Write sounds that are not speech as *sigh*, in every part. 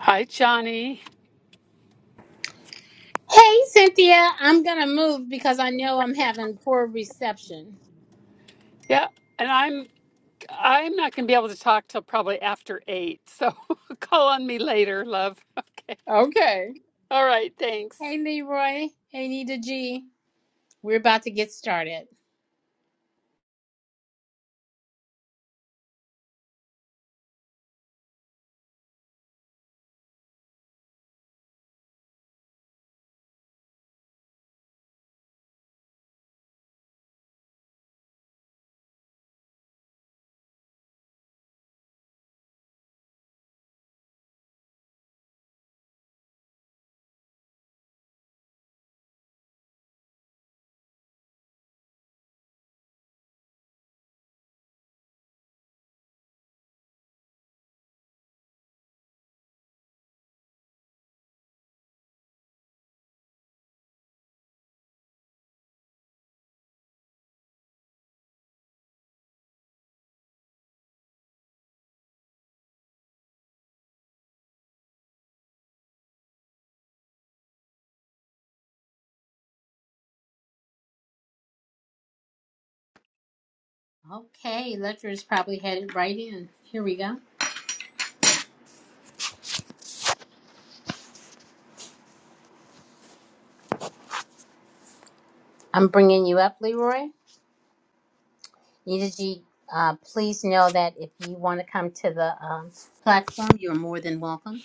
Hi, Johnny. Hey, Cynthia, I'm going to move because I know I'm having poor reception. Yeah, and I'm I'm not going to be able to talk till probably after eight. So *laughs* call on me later, love. *laughs* Okay. Okay. All right. Thanks. Hey, Leroy. Hey, Nita G. We're about to get started. Okay, Ledger's probably headed right in. Here we go. I'm bringing you up, Leroy. Nita G, uh, please know that if you want to come to the um, platform, you're more than welcome.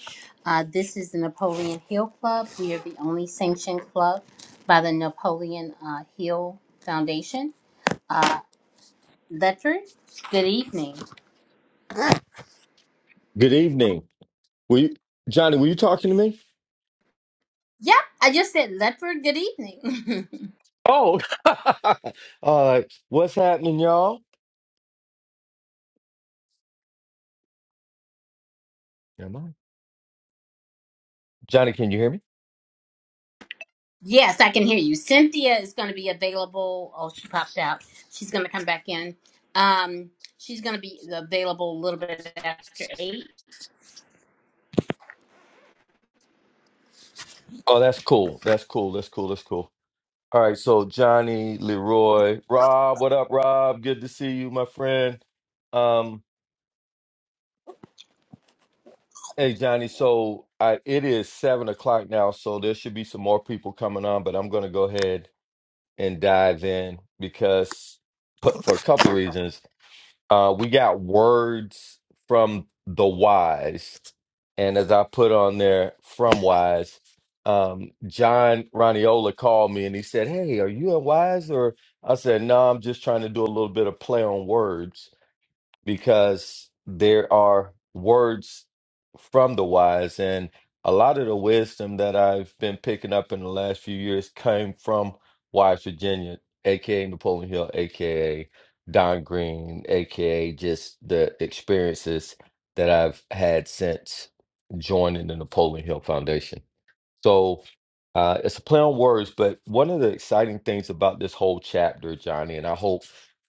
Uh, this is the Napoleon Hill Club. We are the only sanctioned club by the Napoleon uh, Hill Foundation. Uh, Ledford, good evening. Good evening. Were you, Johnny, were you talking to me? Yep, I just said Ledford, good evening. Oh, *laughs* uh, what's happening, y'all? Am I? Johnny, can you hear me? *laughs* yes, I can hear you. Cynthia is going to be available. Oh, she popped out. She's going to come back in. Um, she's going to be available a little bit after eight. Oh, that's cool. That's cool. That's cool. That's cool. All right. So, Johnny, Leroy, Rob, what up, Rob? Good to see you, my friend. Um, hey, Johnny. So, I, it is seven o'clock now. So, there should be some more people coming on, but I'm going to go ahead and dive in because, but for a couple of reasons. Uh, we got words from the wise, and as I put on there from wise, um, John Raniola called me and he said, "Hey, are you a wise?" Or I said, "No, I'm just trying to do a little bit of play on words." because there are words from the wise and a lot of the wisdom that I've been picking up in the last few years came from Wise Virginia, aka Napoleon Hill, aka Don Green, aka just the experiences that I've had since joining the Napoleon Hill Foundation. So uh, it's a play on words, but one of the exciting things about this whole chapter, Johnny, and I hope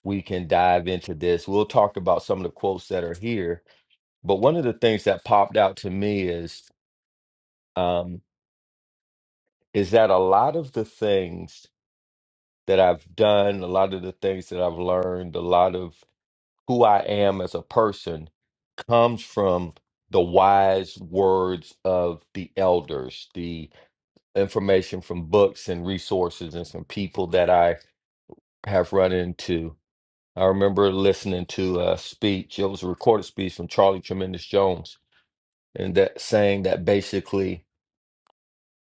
we can dive into this. We'll talk about some of the quotes that are here, but one of the things that popped out to me is um, is that a lot of the things that I've done, a lot of the things that I've learned, a lot of who I am as a person comes from the wise words of the elders, The information from books and resources and some people that I have run into. I remember listening to a speech, it was a recorded speech from Charlie Tremendous Jones, and that saying that basically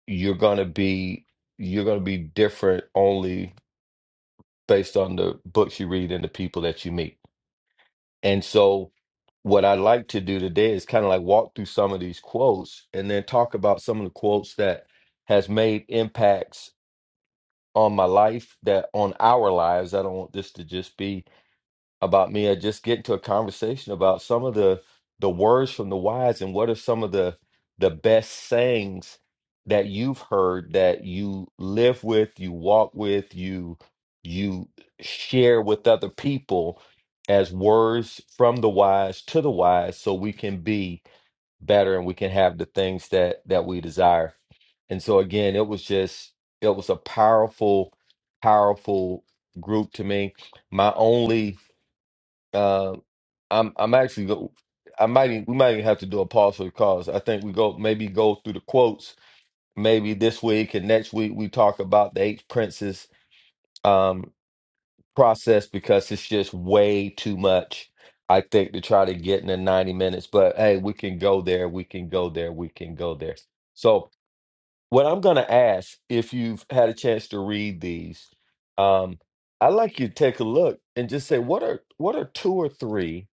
you're gonna be you're gonna be different only based on the books you read and the people that you meet. And so what I like to do today is kind of like walk through some of these quotes and then talk about some of the quotes that has made impacts on my life that on our lives. I don't want this to just be about me. I just get into a conversation about some of the the words from the wise and what are some of the the best sayings that you've heard that you live with, you walk with, you you share with other people as words from the wise to the wise so we can be better and we can have the things that that we desire and so again it was just it was a powerful powerful group to me my only uh i'm i'm actually go i might e- we might even have to do a pause for the cause i think we go maybe go through the quotes maybe this week and next week we talk about the eight princes um, process because it's just way too much, I think, to try to get in the 90 minutes. But hey, we can go there, we can go there, we can go there. So what I'm going to ask, if you've had a chance to read these, um, I'd like you to take a look and just say what are what are two or three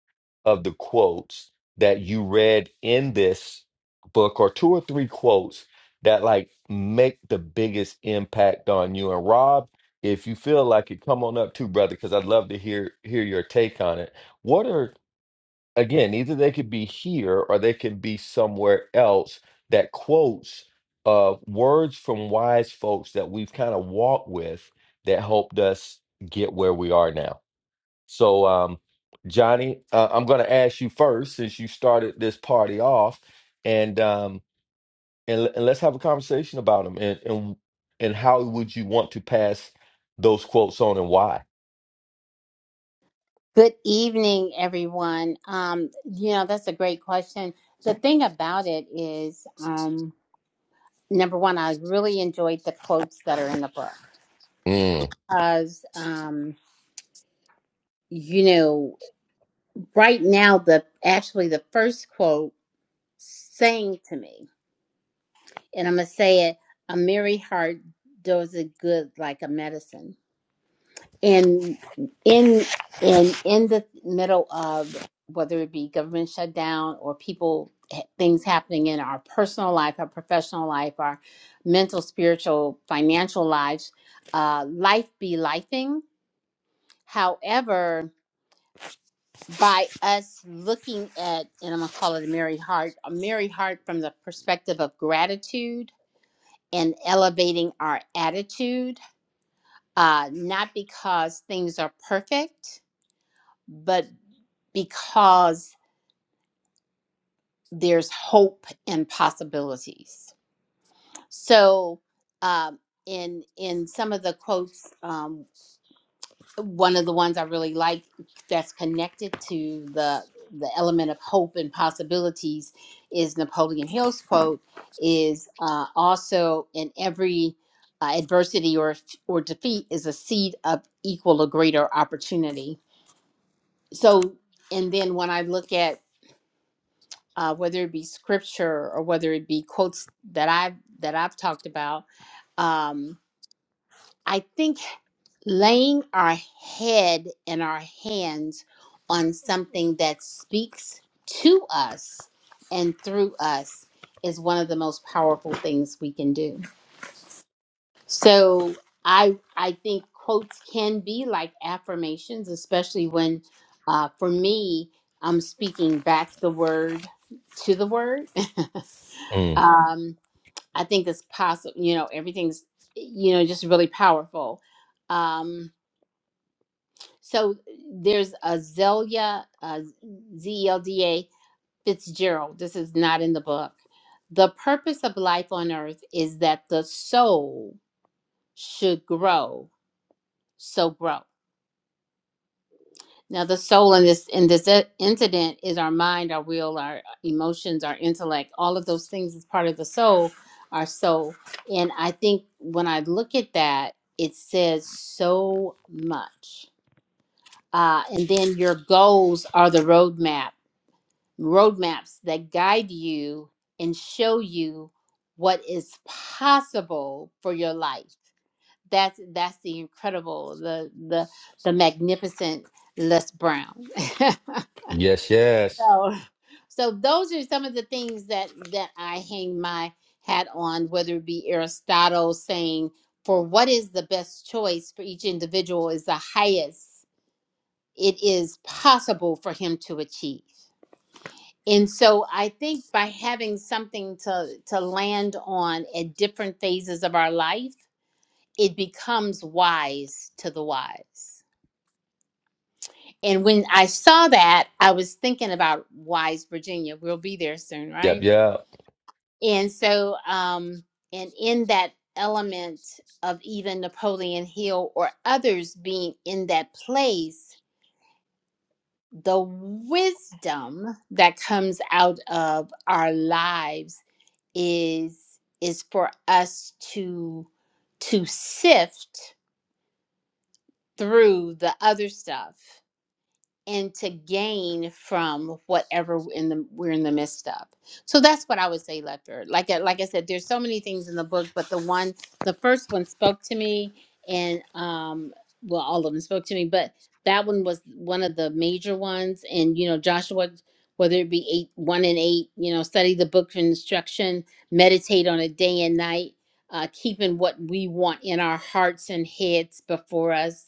of the quotes that you read in this book, or two or three quotes that like make the biggest impact on you. And Rob, if you feel like it, come on up too, brother, because I'd love to hear hear your take on it. What are again, either they could be here or they can be somewhere else that quotes uh, words from wise folks that we've kind of walked with that helped us get where we are now. So, um, Johnny, uh, I'm going to ask you first since you started this party off, and um, and, le- and let's have a conversation about them and and and how would you want to pass those quotes on and why? Good evening, everyone. Um, you know, that's a great question. The thing about it is, um, number one, I really enjoyed the quotes that are in the book Mm, because, um, you know, right now the actually the first quote saying to me, and I'm going to say it a merry heart does it good like a medicine. And in in in the middle of whether it be government shutdown or people eh, things happening in our personal life, our professional life, our mental, spiritual, financial lives, uh, life be lifing. However, by us looking at, and I'm gonna call it a merry heart, a merry heart from the perspective of gratitude in elevating our attitude, uh, not because things are perfect, but because there's hope and possibilities. So, um, in in some of the quotes um, one of the ones I really like that's connected to the the element of hope and possibilities is Napoleon Hill's quote is uh, also in every uh, adversity or or defeat is a seed of equal or greater opportunity. So and then when I look at uh, whether it be scripture or whether it be quotes that I've that I've talked about, um, I think laying our head and our hands on something that speaks to us and through us is one of the most powerful things we can do. So I I think quotes can be like affirmations, especially when uh, for me I'm speaking back the word to the word. *laughs* mm. um, I think it's possible. You know, everything's you know just really powerful. Um, So there's a Zelia, uh, Z-E-L-D-A Fitzgerald. This is not in the book. The purpose of life on earth is that the soul should grow, so grow. Now, the soul in this in this i- incident is our mind, our will, our emotions, our intellect. All of those things is part of the soul, our soul. And I think when I look at that, it says so much. Uh, and then your goals are the roadmap roadmaps that guide you and show you what is possible for your life. That's that's the incredible, the the the magnificent Les Brown. *laughs* Yes, yes. so, so those are some of the things that that I hang my hat on, whether it be Aristotle saying, for what is the best choice for each individual is the highest it is possible for him to achieve and so i think by having something to to land on at different phases of our life it becomes wise to the wise and when i saw that i was thinking about wise virginia we'll be there soon Yep, right and so um and in that element of even napoleon hill or others being in that place the wisdom that comes out of our lives is is for us to to sift through the other stuff and to gain from whatever in the we're in the midst of. So that's what I would say, Lefter. Like I- like I said, there's so many things in the book, but the one, the first one spoke to me, and um, well, all of them spoke to me, but that one was one of the major ones. And you know, Joshua, whether it be eight, one and eight, you know, study the book of instruction, meditate on it day and night, uh, keeping what we want in our hearts and heads before us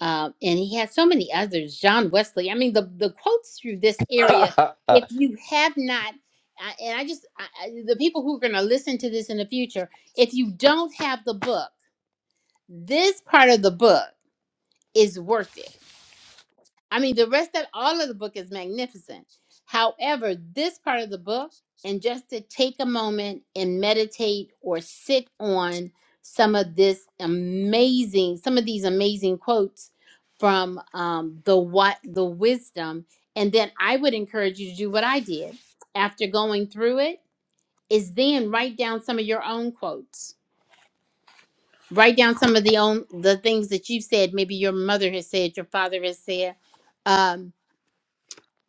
um, and he has so many others. John Wesley. I mean, the the quotes through this area. yep. *laughs* If you have not, I, and I just I, I- the people who are going to listen to this in the future, if you don't have the book, this part of the book is worth it I mean, the rest of all of the book is magnificent. However, this part of the book, and just to take a moment and meditate or sit on some of this amazing, some of these amazing quotes from um, the what the wisdom, and then I would encourage you to do what I did after going through it. Is then write down some of your own quotes. Write down some of the own the things that you've said. Maybe your mother has said, your father has said. Um,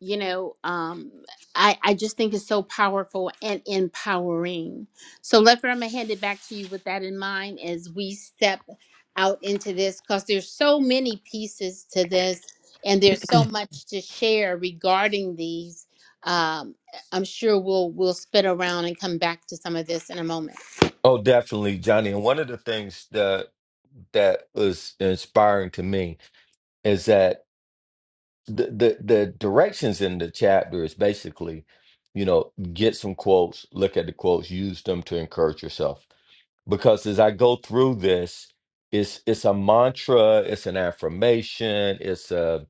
you know um i i just think it's so powerful and empowering so leffler i'm gonna hand it back to you with that in mind as we step out into this because there's so many pieces to this and there's so much to share regarding these um i'm sure we'll we'll spit around and come back to some of this in a moment Oh, definitely, Johnny. And one of the things that that was inspiring to me is that the the, the directions in the chapter is basically, you know, get some quotes, look at the quotes, use them to encourage yourself. Because as I go through this, it's it's a mantra, it's an affirmation, it's a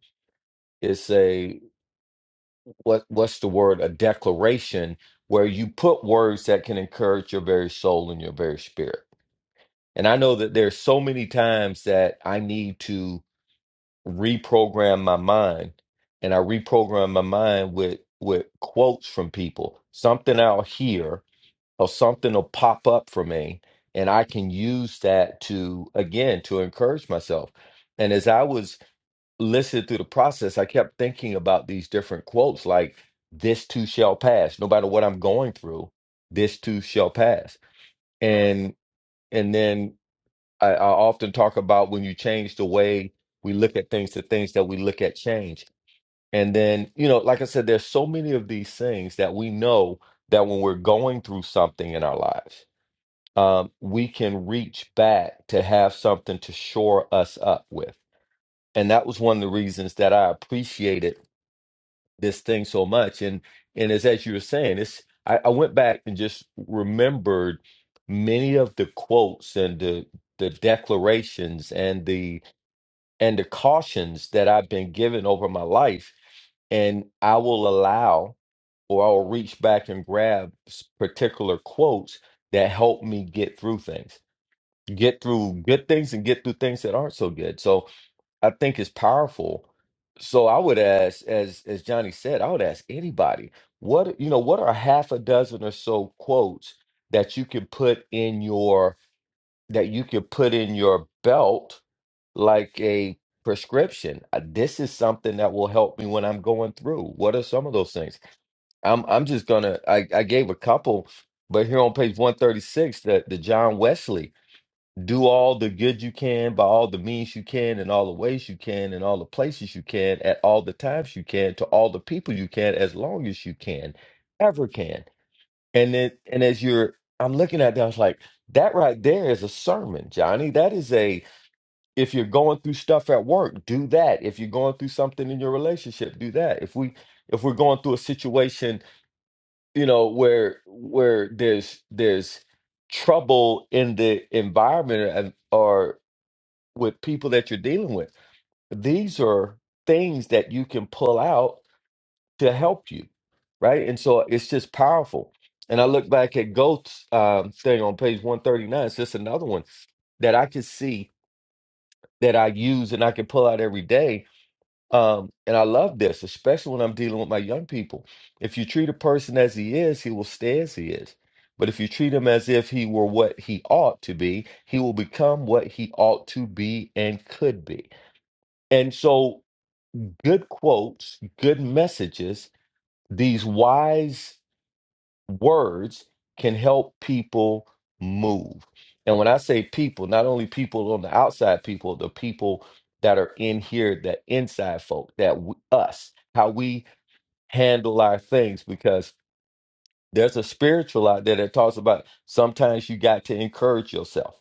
it's a what what's the word? A declaration where you put words that can encourage your very soul and your very spirit And I know that there's so many times that I need to reprogram my mind. And I reprogram my mind with with quotes from people. Something I'll hear or something will pop up for me. And I can use that to again to encourage myself. And as I was listening through the process, I kept thinking about these different quotes like this too shall pass. No matter what I'm going through, this too shall pass. And and then I, I often talk about when you change the way we look at things, the things that we look at change. And then, you know, like I said, there's so many of these things that we know that when we're going through something in our lives, um, we can reach back to have something to shore us up with. And that was one of the reasons that I appreciated this thing so much. And and as as you were saying, it's I, I went back and just remembered many of the quotes and the the declarations and the and the cautions that I've been given over my life. And I will allow or I'll reach back and grab s- particular quotes that help me get through things, get through good things and get through things that aren't so good. So I think it's powerful. So I would ask, as as Johnny said, I would ask anybody, what you know, what are half a dozen or so quotes that you can put in your that you can put in your belt like a prescription. Uh, This is something that will help me when I'm going through. What are some of those things? I'm I'm just gonna I, I gave a couple, but here on page 136, the, the John Wesley, do all the good you can by all the means you can in all the ways you can in all the places you can at all the times you can to all the people you can as long as you can, ever can. And then and as you're I'm looking at that, I was like, that right there is a sermon, Johnny. That is a if you're going through stuff at work do that if you're going through something in your relationship do that if we if we're going through a situation you know where where there's there's trouble in the environment and or with people that you're dealing with these are things that you can pull out to help you right and so it's just powerful and i look back at goat's um, thing on page 139 it's just another one that i can see that i use and i can pull out every day Um, and I love this, especially when I'm dealing with my young people. If you treat a person as he is, he will stay as he is. But if you treat him as if he were what he ought to be, he will become what he ought to be and could be. And so, good quotes, good messages, these wise words can help people move. And when I say people, not only people on the outside, people, the people that are in here, that inside folk, that w- us, how we handle our things, because there's a spiritual out there that talks about sometimes you got to encourage yourself.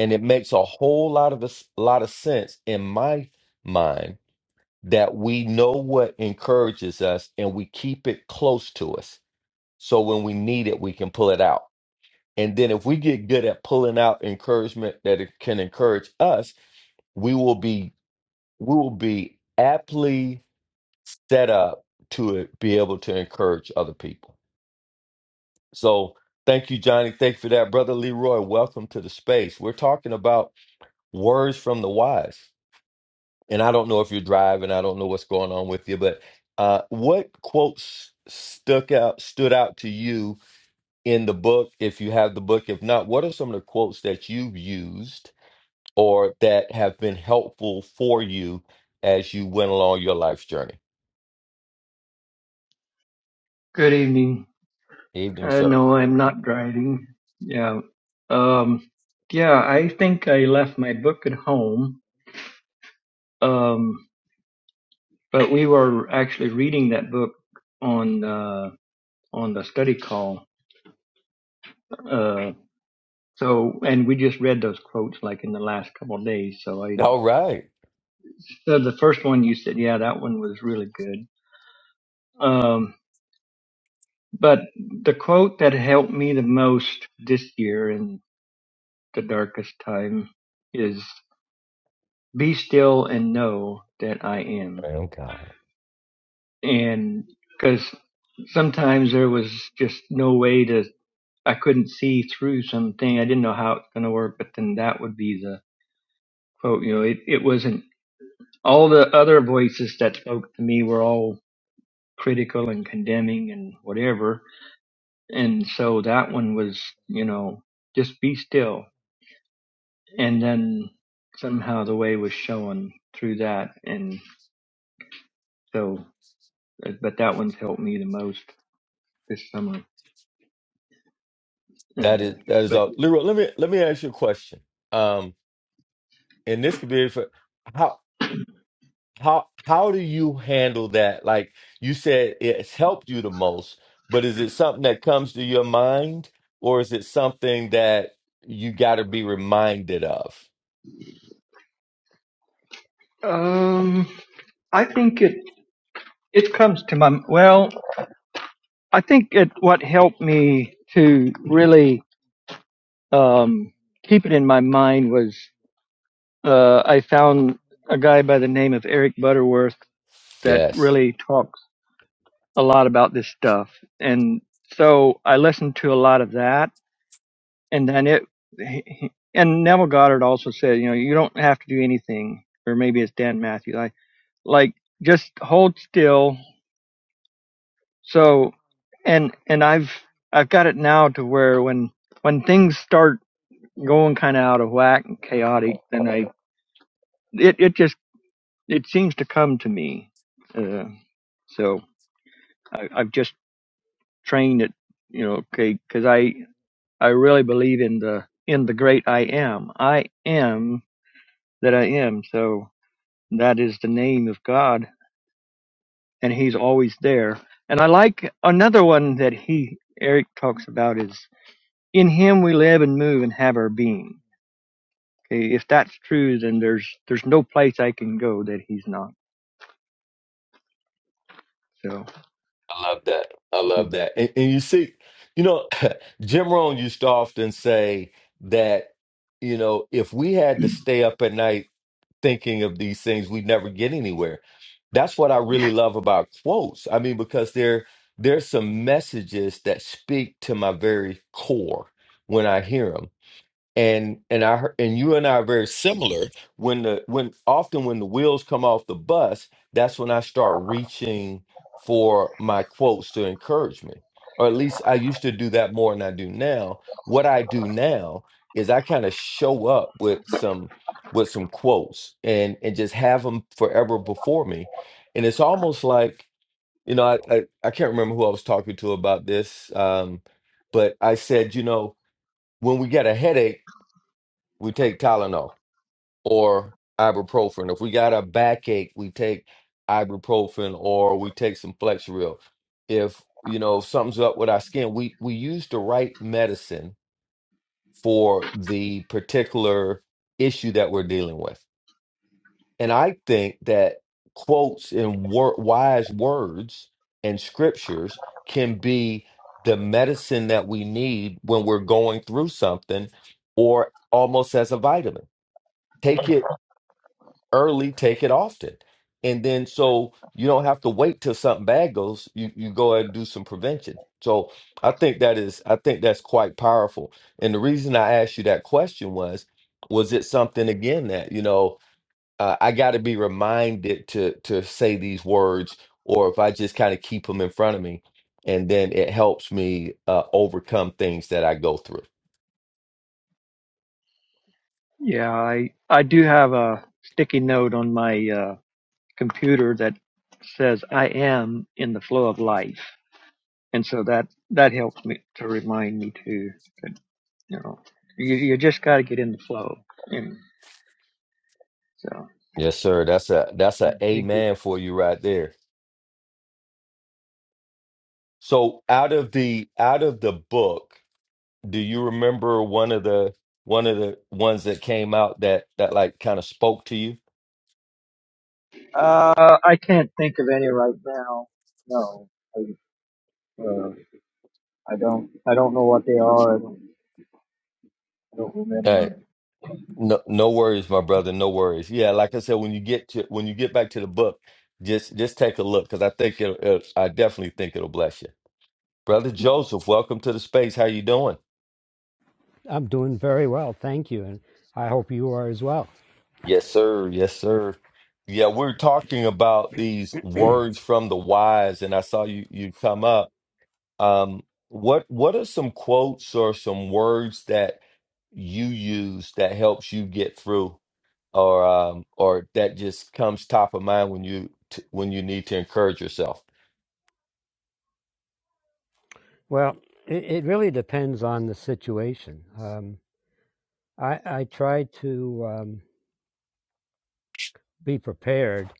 And it makes a whole lot of us, lot of sense in my mind that we know what encourages us and we keep it close to us. So when we need it, we can pull it out And then if we get good at pulling out encouragement that it can encourage us, we will be we will be aptly set up to be able to encourage other people. So thank you, Johnny. Thank you for that. Brother Leroy, welcome to the space. We're talking about words from the wise. And I don't know if you're driving, I don't know what's going on with you, but uh, what quotes stuck out stood out to you in the book if you have the book? If not, what are some of the quotes that you've used? or that have been helpful for you as you went along your life's journey. Good evening. Evening, Uh, sir. no, I'm not driving. Yeah. Um, yeah, I think I left my book at home. Um, but we were actually reading that book on, uh, on the study call. Uh, so, and we just read those quotes like in the last couple of days. So I, All right. so the first one you said, yeah, that one was really good. Um, but the quote that helped me the most this year in the darkest time is. be still and know that I am. Oh God. And because sometimes there was just no way to, I couldn't see through something. I didn't know how it's going to work, but then that would be the quote. You know, it, it wasn't all the other voices that spoke to me were all critical and condemning and whatever. And so that one was, you know, just be still. And then somehow the way was showing through that. And so, but that one's helped me the most. this summer. Uh, That is that is but all. Leroy, let me let me ask you a question. Um, and this could be for how how how do you handle that? Like you said, it's helped you the most, but is it something that comes to your mind, or is it something that you got to be reminded of? um, I think it it comes to my well. I think it what helped me to really um, keep it in my mind was uh, I found a guy by the name of Eric Butterworth that Yes. really talks a lot about this stuff, and so I listened to a lot of that, and then it. He, he- and Neville Goddard also said, you know, you don't have to do anything, or maybe it's Dan Matthews. I like just hold still So and and I've I've got it now to where when when things start going kind of out of whack and chaotic, then I it it just it seems to come to me. Uh, so I, I've just trained it, you know, okay, because I I really believe in the in the great I am. I am that I am. So that is the name of God, and He's always there. And I like another one that he Eric talks about is. in him we live and move and have our being okay if that's true then there's there's no place i can go that he's not so I love that. I love that. And, and you see, you know, *laughs* Jim Rohn used to often say that, you know, if we had to stay up at night thinking of these things, we'd never get anywhere. That's what I really yeah love about quotes. I mean, because there there's some messages that speak to my very core when I hear them and and I hear- and you and I are very similar. When the when often when the wheels come off the bus, that's when I start reaching for my quotes to encourage me, or at least I used to do that more than I do now. What I do now is I kind of show up with some with some quotes and and just have them forever before me, and it's almost like you know I I, I can't remember who I was talking to about this, um, but I said you know when we get a headache we take Tylenol or ibuprofen. If we got a backache, we take ibuprofen or we take some Flexeril. If you know something's up with our skin, we we use the right medicine for the particular issue that we're dealing with. And I think that quotes and wor- wise words and scriptures can be the medicine that we need when we're going through something or almost as a vitamin take it early, take it often. And then so you don't have to wait till something bad goes. You you go ahead and do some prevention. So I think that is I think that's quite powerful. And the reason I asked you that question was was it something again that, you know, uh, I got to be reminded to to say these words or if I just kind of keep them in front of me and then it helps me uh, overcome things that I go through. *laughs* yeah i i do have a sticky note on my uh computer that says i am in the flow of life and so that that helps me to remind me too that you know you, you just got to get in the flow and so Yes, sir. That's a that's a thank you amen for you right there. So out of the out of the book, do you remember one of the one of the ones that came out that that like kind of spoke to you? uh i can't think of any right now no I, uh, I don't I don't know what they are. I don't, I don't All remember. right. No no worries, my brother, no worries. Yeah, like I said, when you get to when you get back to the book, just just take a look because I think it'll, it I definitely think it'll bless you. Brother Joseph, welcome to the space. How you doing? I'm doing very well, thank you, and I hope you are as well. Yes, sir. Yes, sir. Yeah, we're talking about these words from the wise, and I saw you you come up um, what what are some quotes or some words that you use that helps you get through or um, or that just comes top of mind when you t- when you need to encourage yourself Well, it, it really depends on the situation. Um, I, I try to um, be prepared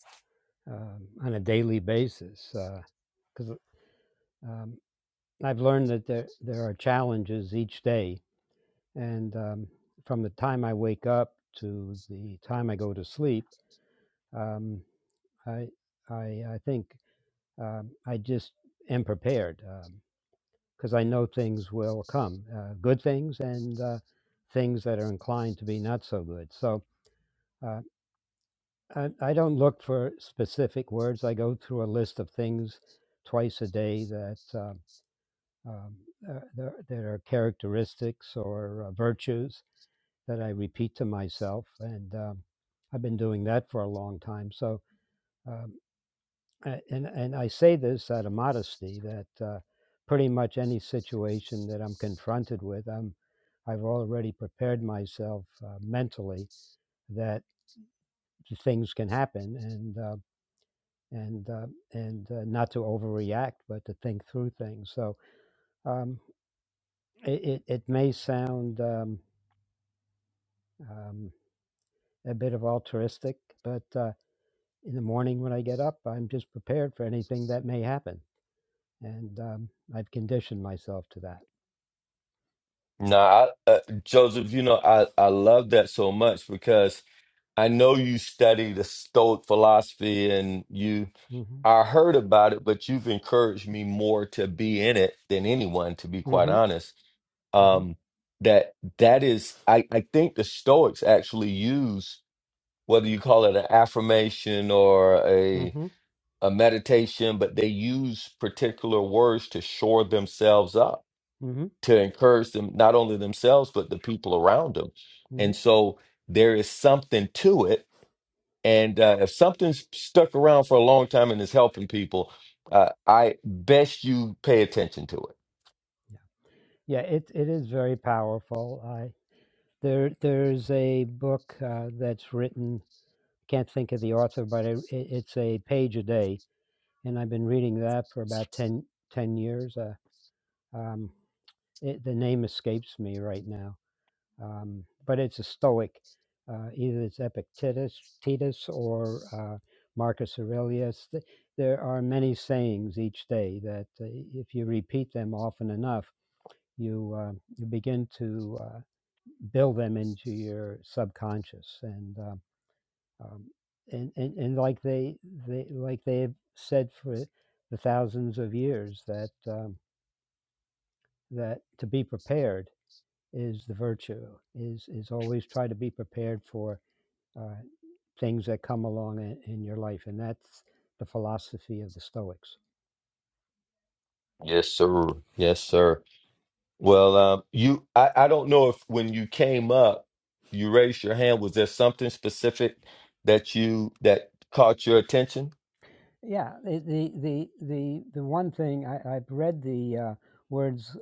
um, on a daily basis because uh, um, I've learned that there, there are challenges each day. And um, from the time I wake up to the time I go to sleep, um, I, I, I think um, I just am prepared. Um, because I know things will come, uh, good things and uh, things that are inclined to be not so good. So uh, I, I don't look for specific words. I go through a list of things twice a day that uh, um, uh, that that are characteristics or uh, virtues that I repeat to myself, and um, I've been doing that for a long time. So. um, a- and and I say this out of modesty that uh, pretty much any situation that I'm confronted with, I'm I've already prepared myself uh, mentally that things can happen and uh, and uh, and uh, not to overreact, but to think through things. So um, it, it it may sound um, um, a bit of altruistic, but uh, in the morning when I get up, I'm just prepared for anything that may happen, and um, I've conditioned myself to that. now I, uh, joseph you know I, I love that so much because i know you study the stoic philosophy and you hmm i heard about it but you've encouraged me more to be in it than anyone to be quite Mm-hmm. honest Mm-hmm. um that that is i i think the stoics actually use whether you call it an affirmation or a Mm-hmm. a meditation but they use particular words to shore themselves up Mm-hmm. to encourage them not only themselves but the people around them hmm and so there is something to it and uh, if something's stuck around for a long time and is helping people uh, i best you pay attention to it Yeah, it it is very powerful. I there there's a book uh, that's written. Can't think of the author, but it, it, it's a page a day, and I've been reading that for about 10 10 years. Uh, um, it, the name escapes me right now, um, but it's a Stoic. Uh, either it's Epictetus, Titus, or uh, Marcus Aurelius. Th- There are many sayings each day that, uh, if you repeat them often enough you uh, you begin to uh, build them into your subconscious and uh, um, and, and and like they they like they have said for the thousands of years that um, that to be prepared is the virtue is is always try to be prepared for uh, things that come along in, in your life and that's the philosophy of the Stoics. yes sir yes sir Well, um, you, I, I don't know if when you came up, you raised your hand. Was there something specific that you that caught your attention? Yeah, the the the the, the one thing I, I've read the uh, words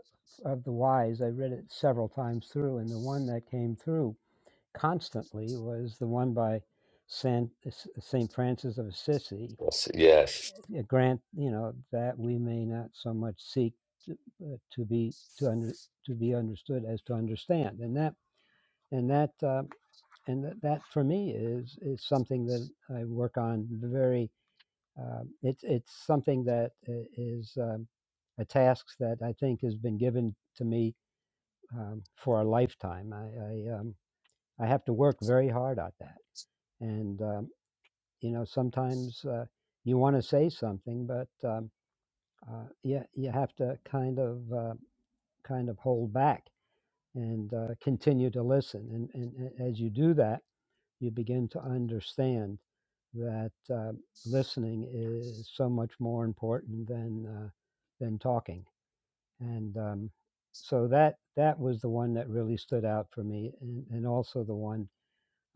of the wise. I read it several times through, and the one that came through constantly was the one by Saint Saint Francis of Assisi. Yes, yes. Uh, Grant, you know, that we may not so much seek to, uh, to be to under to be understood as to understand, and that and that um, and that, that for me is is something that I work on very um, it's it's something that is um, a task that I think has been given to me um, for a lifetime. I I, um, I have to work very hard at that, and um, you know sometimes uh, you want to say something, but um, uh, you you have to kind of uh, kind of hold back and uh, continue to listen, and, and and as you do that you begin to understand that uh, listening is so much more important than uh, than talking. And um, so that that was the one that really stood out for me, and, and also the one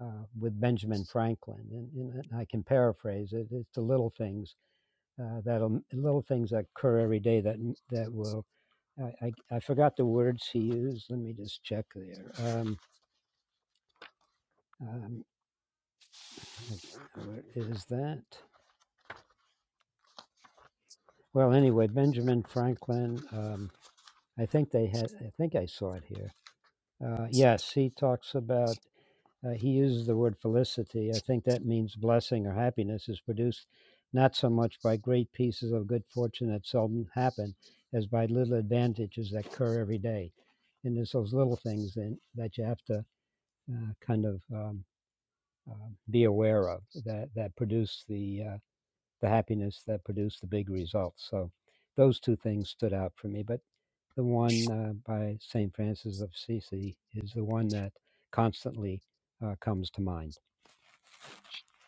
uh, with Benjamin Franklin. And, and I can paraphrase it: it's the little things uh, that little things that occur every day that that will. I, I, I forgot the words he used. Let me just check there. Um, um, like, where is that? Well, anyway, Benjamin Franklin, um, I think they had, I think I saw it here. Uh, yes, he talks about, uh, he uses the word felicity. I think that means blessing or happiness is produced not so much by great pieces of good fortune that seldom happen as by little advantages that occur every day. And there's those little things that that you have to uh, kind of um, uh, be aware of that, that produce the uh, the happiness that produced the big results. So those two things stood out for me. But the one uh, by St. Francis of Assisi is the one that constantly uh, comes to mind.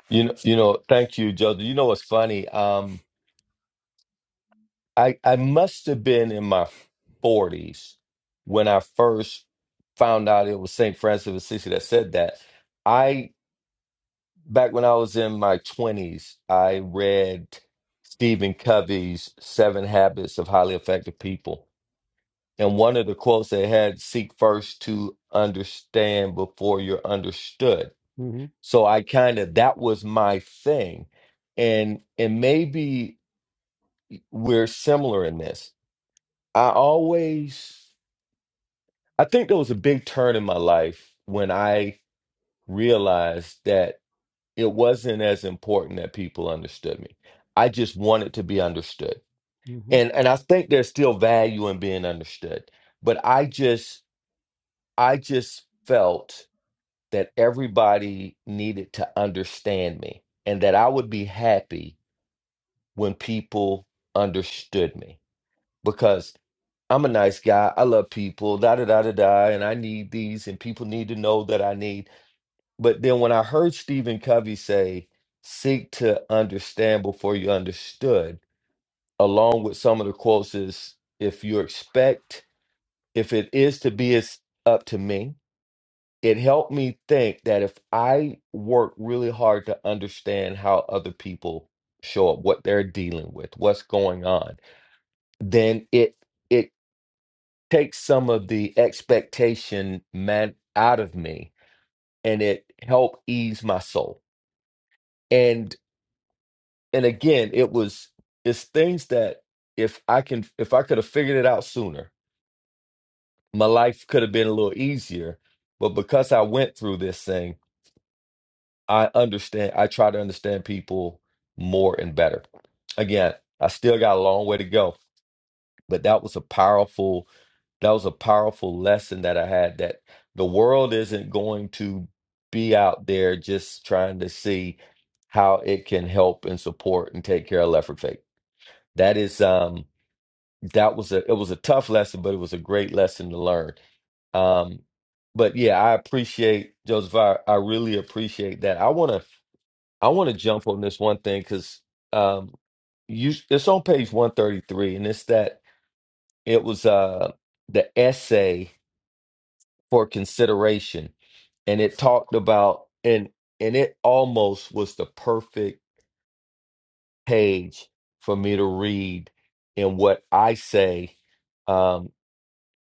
You know, you know. Thank you, Joe. You know what's funny? Um, I I must have been in my forties when I first found out it was Saint Francis of Assisi that said that. I back when I was in my twenties, I read Stephen Covey's Seven Habits of Highly Effective People And one of the quotes they had seek first to understand before you're understood. hmm So I kind of, that was my thing. And, and maybe we're similar in this. I always, I think there was a big turn in my life when I realized that it wasn't as important that people understood me. I just wanted to be understood. hmm And, and I think there's still value in being understood, but I just, I just felt that everybody needed to understand me and that I would be happy when people understood me because I'm a nice guy. I love people, da da da da da, and I need these, and people need to know that I need. But then when I heard Stephen Covey say, seek to understand before you understood, along with some of the quotes is, if you expect, if it is to be, it's up to me it helped me think that if I work really hard to understand how other people show up, what they're dealing with, what's going on, then it it takes some of the expectation man out of me and it helped ease my soul. And and again, it was it's things that if I can if I could have figured it out sooner, my life could have been a little easier. But because I went through this thing I understand. I try to understand people more and better. Again, I still got a long way to go, but that was a powerful that was a powerful lesson that I had that the world isn't going to be out there just trying to see how it can help and support and take care of Lefford Fake. That is um that was a it was a tough lesson, but it was a great lesson to learn. Um but yeah, I appreciate Joseph. I, I really appreciate that. I want to. I want to jump on this one thing because um, you it's on page 133, and it's that it was uh, the essay for consideration, and it talked about and and it almost was the perfect page for me to read in what I say um,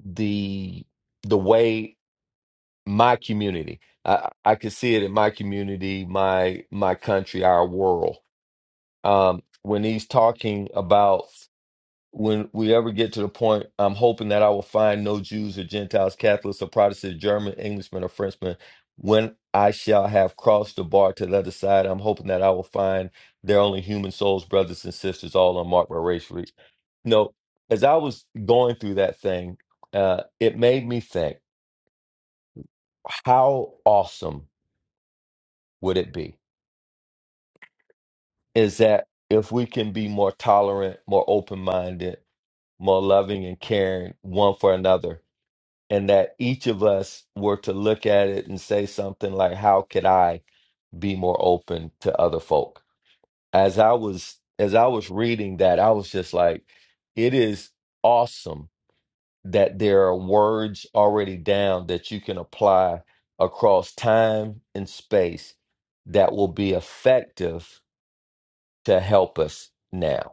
the the way my community I, I could see it in my community, my my country, our world. um, when he's talking about when we ever get to the point, I'm hoping that I will find no Jews or Gentiles, Catholics or Protestants, German, Englishmen or Frenchmen. When I shall have crossed the bar to the other side, I'm hoping that I will find they're only human souls, brothers and sisters, all unmarked by race. re- You as I was going through that thing, uh, it made me think, how awesome would it be? Is that if we can be more tolerant, more open minded, more loving and caring one for another. And that each of us were to look at it and say something like, How could I be more open to other folk? As I was as I was reading that, I was just like, it is awesome that there are words already down that you can apply across time and space that will be effective to help us now.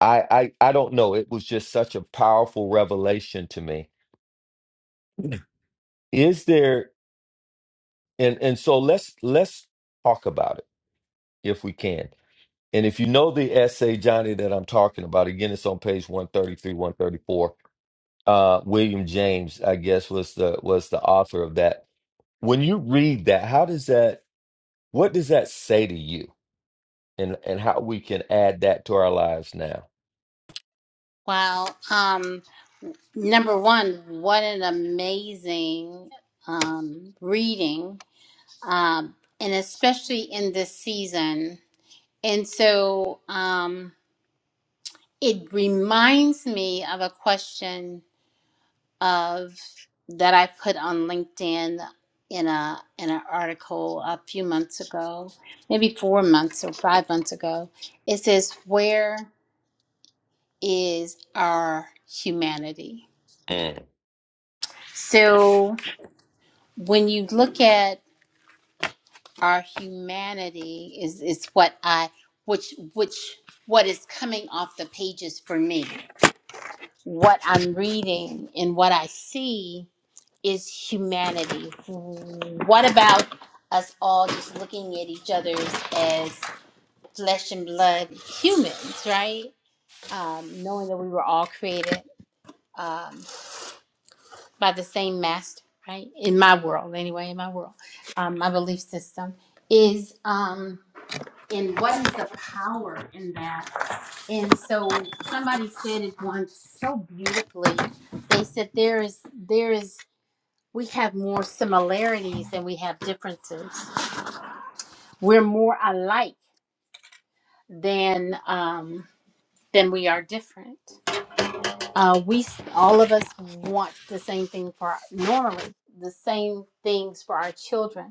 I, I I don't know. It was just such a powerful revelation to me. Is there and and so let's let's talk about it if we can. And if you know the essay, Johnny, that I'm talking about, again, it's on page 133, 134. Uh, William James, I guess, was the was the author of that. When you read that, how does that what does that say to you? And and how we can add that to our lives now? Wow. Um, number one, what an amazing um, reading. um, and especially in this season. And so um, it reminds me of a question of that I put on LinkedIn in a in an article a few months ago, maybe four months or five months ago. It says, "Where is our humanity?" Mm. So when you look at our humanity is is what I which which what is coming off the pages for me. What I'm reading and what I see is humanity. What about us all just looking at each other as flesh and blood humans, right? Um, knowing that we were all created um, by the same master, right? In my world, anyway, in my world, um, my belief system is. Um, and what is the power in that? And so somebody said it once so beautifully. They said there is there is we have more similarities than we have differences. We're more alike than um, than we are different. Uh, we all of us want the same thing for our, normally the same things for our children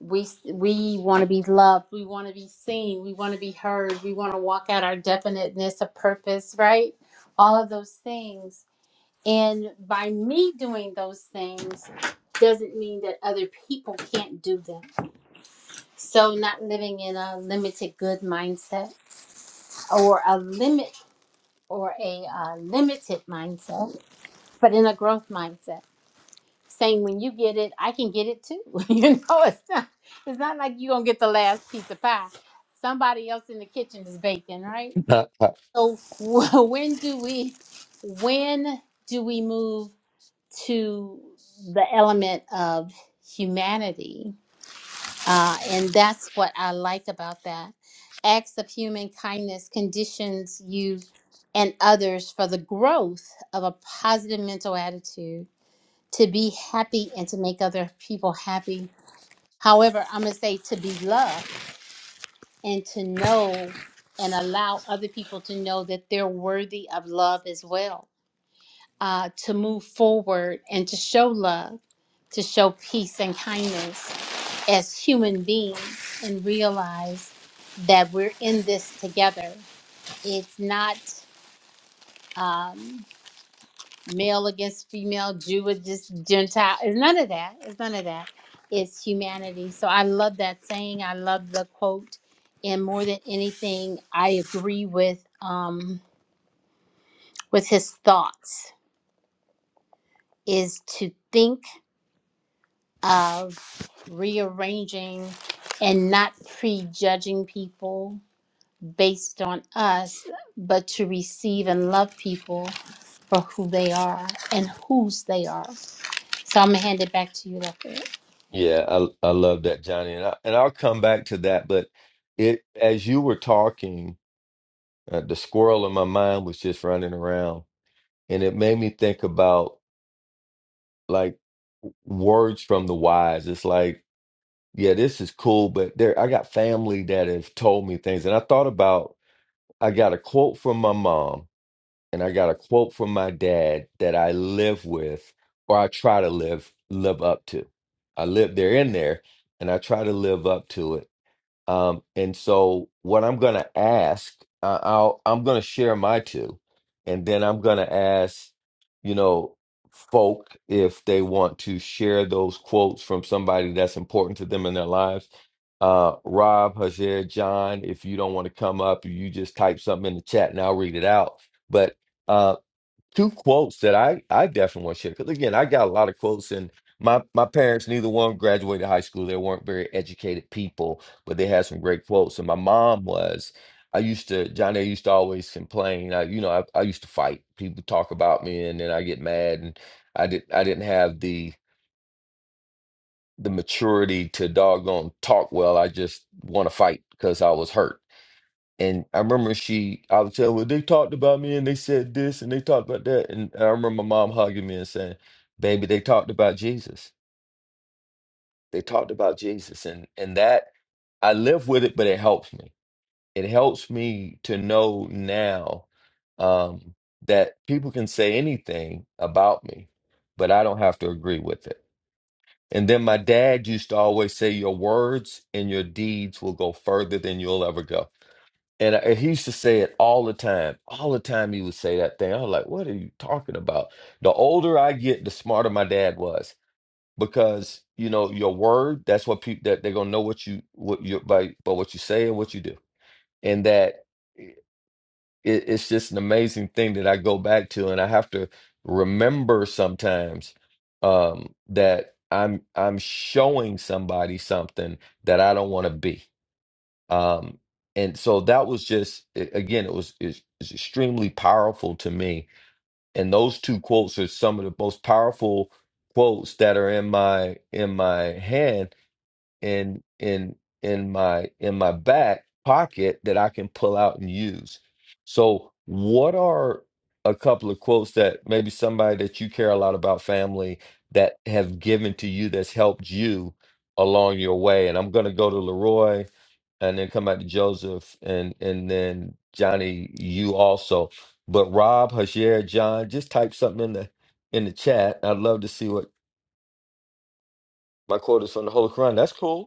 we we want to be loved we want to be seen we want to be heard we want to walk out our definiteness of purpose right all of those things and by me doing those things doesn't mean that other people can't do them so not living in a limited good mindset or a limit or a uh, limited mindset but in a growth mindset saying when you get it, I can get it too. *laughs* you know, it's not it's not like you're gonna get the last piece of pie. Somebody else in the kitchen is baking, right? *laughs* So *laughs* when do we when do we move to the element of humanity? Uh, and that's what I like about that. Acts of human kindness conditions you and others for the growth of a positive mental attitude to be happy and to make other people happy. However, I'm going to say to be loved and to know and allow other people to know that they're worthy of love as well, uh, to move forward and to show love, to show peace and kindness as human beings and realize that we're in this together. It's not. Um, male against female, Jew against Gentile. It's none of that. It's none of that. It's humanity. So I love that saying. I love the quote. And more than anything, I agree with um, with his thoughts is to think of rearranging and not prejudging people based on us, but to receive and love people for who they are and whose they are. So I'm gonna hand it back to you, Lefford. Yeah, I I love that, Johnny, and I, and I'll come back to that. But it as you were talking, uh, the squirrel in my mind was just running around, and it made me think about like w- words from the wise. It's like, yeah, this is cool, but there I got family that have told me things, and I thought about I got a quote from my mom, and I got a quote from my dad that I live with, or I try to live live up to. I live they're in there, and I try to live up to it. Um, and so what I'm going to ask, uh, I'll, I'm going to share my two, and then I'm going to ask, you know, folk if they want to share those quotes from somebody that's important to them in their lives. Uh, Rob, Hajer, John, if you don't want to come up, you just type something in the chat and I'll read it out. But uh, two quotes that I I definitely want to share. Because again, I got a lot of quotes, and my my parents neither one graduated high school. They weren't very educated people, but they had some great quotes. And my mom was. I used to Johnny. I used to always complain. I, you know, I, I used to fight. People talk about me, and then I get mad. And I did. I didn't have the the maturity to doggone talk well. I just want to fight because I was hurt and I remember she, I would tell, well, they talked about me and they said this and they talked about that. And I remember my mom hugging me and saying, baby, they talked about Jesus. They talked about Jesus. And, and that, I live with it, but it helps me. It helps me to know now um, that people can say anything about me, but I don't have to agree with it. And then my dad used to always say, your words and your deeds will go further than you'll ever go And I, he used to say it all the time. All the time he would say that thing. I was like, what are you talking about? The older I get, the smarter my dad was. Because, you know, your word, that's what people that they're gonna know what you what you by by what you say and what you do. And that it, it's just an amazing thing that I go back to and I have to remember sometimes um that I'm I'm showing somebody something that I don't want to be um and so that was just a- again it was is extremely powerful to me and those two quotes are some of the most powerful quotes that are in my in my hand in in in my in my back pocket that I can pull out and use. So, what are a couple of quotes that maybe somebody that you care a lot about family that have given to you that's helped you along your way? And I'm going to go to Leroy and then come back to Joseph and and then Johnny, you also. But Rob, Hashir, John, just type something in the in the chat. I'd love to see what my quote is from the Holy Quran. That's cool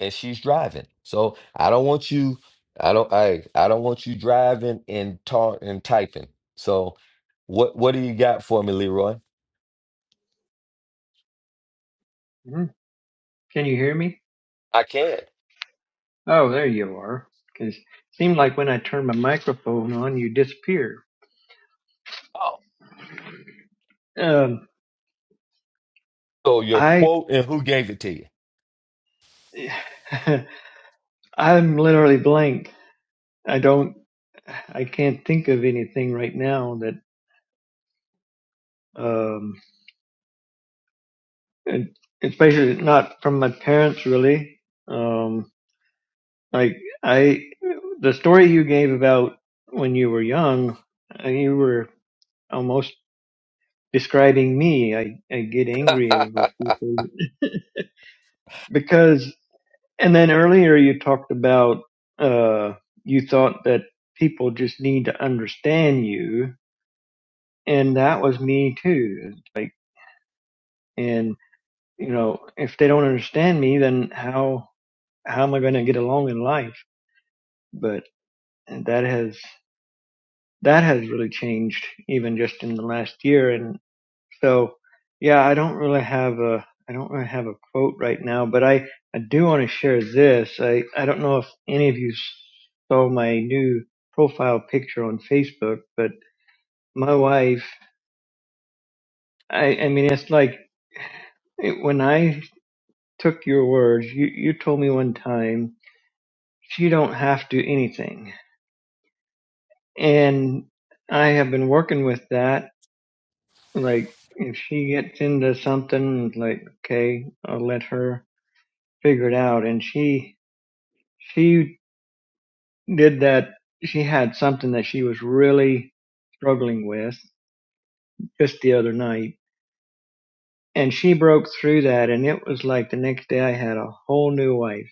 and she's driving. So I don't want you. I don't. I I don't want you driving and talk and typing. So what what do you got for me, Leroy? Hmm? Can you hear me? I can. Oh, there you are. Because it seemed like when I turned my microphone on, you disappeared. Oh, Um, so your I, quote and who gave it to you? *laughs* I'm literally blank. I don't, I can't think of anything right now that, um, and especially not from my parents really. Um, like I, the story you gave about when you were young, uh, you were almost describing me. I, I get angry over people because, and then earlier you talked about, uh, you thought that people just need to understand you. And that was me too. It's Like, and you know, if they don't understand me, then how, how am I going to get along in life? But that has, that has really changed even just in the last year. and. So yeah, I don't really have a I don't really have a quote right now, but I I do want to share this. I I don't know if any of you saw my new profile picture on Facebook, but my wife, I I mean it's like it, when I took your words, you you told me one time she don't have to do anything. And I have been working with that like if she gets into something like okay, I'll let her figure it out and she she did that. She had something that she was really struggling with just the other night. And she broke through that. And it was like the next day I had a whole new wife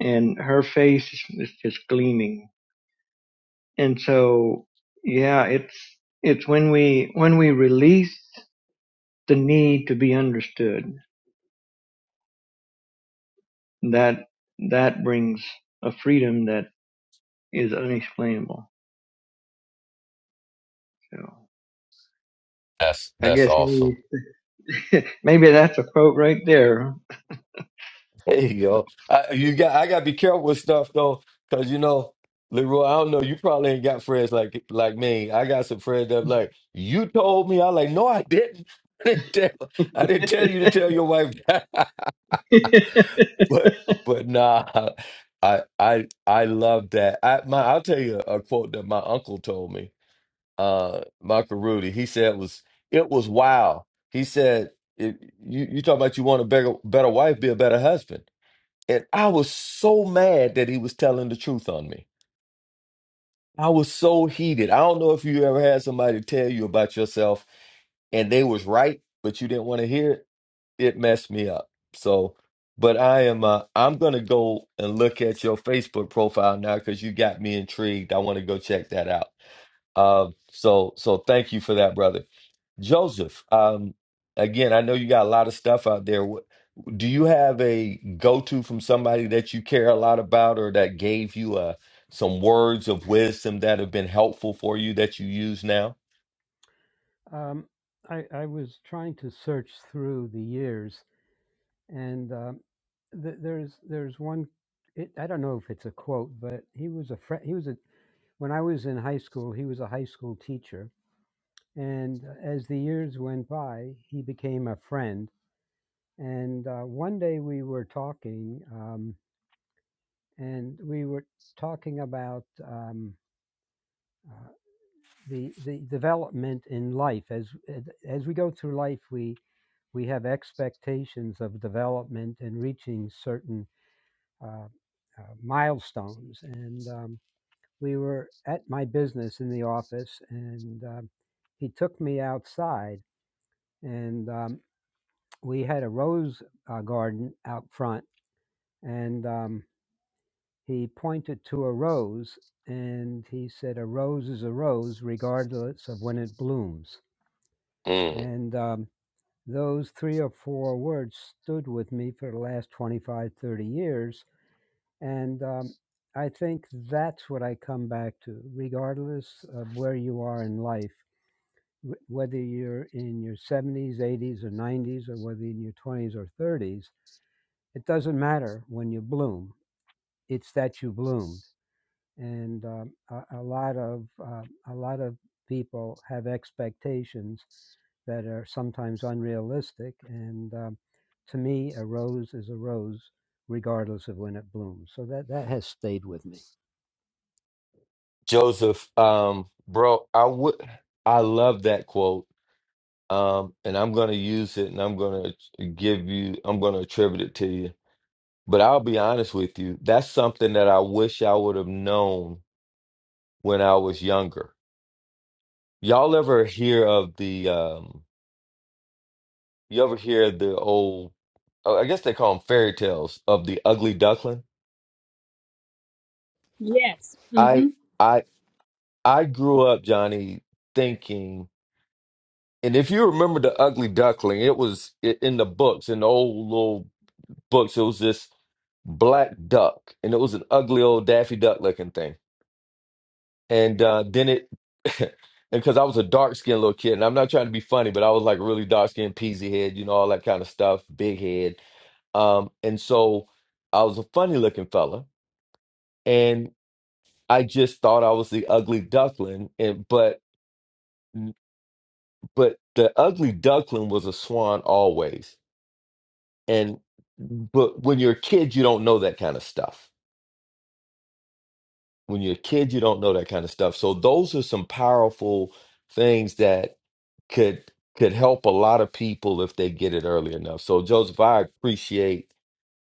and her face is just gleaming. And so, yeah, it's, it's when we, when we release the need to be understood that, that brings a freedom that is unexplainable. So *laughs* That's I that's guess awesome. maybe, *laughs* maybe that's a quote right there. There you go. I, you got. I got to be careful with stuff though, because you know, Leroy. I don't know. You probably ain't got friends like like me. I got some friends that like you told me. I like no, I didn't. *laughs* I didn't tell. I didn't *laughs* tell you to tell your wife. but but nah, I I I love that. I my I'll tell you a quote that my uncle told me, uh, Michael Rudy. He said was it was wow. He said it, you you talking about you want a better better wife, be a better husband. And I was so mad that he was telling the truth on me. I was so heated. I don't know if you ever had somebody tell you about yourself and they was right, but you didn't want to hear it it messed me up. So, but I am uh, I'm gonna go and look at your Facebook profile now because you got me intrigued. I want to go check that out. Um, so so thank you for that, brother Joseph. Um, again, I know you got a lot of stuff out there. What, do you have a go-to from somebody that you care a lot about or that gave you uh, some words of wisdom that have been helpful for you that you use now? Um, I, I was trying to search through the years, and um, th- there's there's one. It, I don't know if it's a quote, but he was a friend. he was a when I was in high school. He was a high school teacher, and as the years went by, he became a friend And uh, one day we were talking, um, and we were talking about um, uh, the the development in life as as we go through life, we we have expectations of development and reaching certain uh, uh, milestones. And um, we were at my business in the office, and um, he took me outside, and um, we had a rose uh, garden out front, and um, He pointed to a rose and he said, A rose is a rose regardless of when it blooms. Mm. And um, those three or four words stood with me for the last 25, 30 years. And um, I think that's what I come back to, regardless of where you are in life, wh- whether you're in your 70s, 80s, or 90s, or whether in your 20s or 30s, it doesn't matter when you bloom. It's that you bloom and um, a, a lot of uh, a lot of people have expectations that are sometimes unrealistic. And um, to me, a rose is a rose, regardless of when it blooms. So that that has stayed with me. Joseph, um, bro, I would I love that quote um, and I'm gonna use it, and I'm gonna give you, I'm gonna attribute it to you. But I'll be honest with you, that's something that I wish I would have known when I was younger. Y'all ever hear of the, um, you ever hear the old, oh, I guess they call them fairy tales of the ugly duckling? Yes. hmm I, I, I grew up, Johnny, thinking, and if you remember the ugly duckling, it was i- in the books, in the old little books, it was this black duck, and it was an ugly old Daffy Duck looking thing. And uh, then it, *laughs* and because I was a dark skinned little kid, and I'm not trying to be funny, but I was like really dark skinned, peasy head, you know, all that kind of stuff, big head. Um, and so I was a funny looking fella, and I just thought I was the ugly duckling, and but but the ugly duckling was a swan always, and but when you're a kid, you don't know that kind of stuff. when you're a kid you don't know that kind of stuff so those are some powerful things that could could help a lot of people if they get it early enough so joseph i appreciate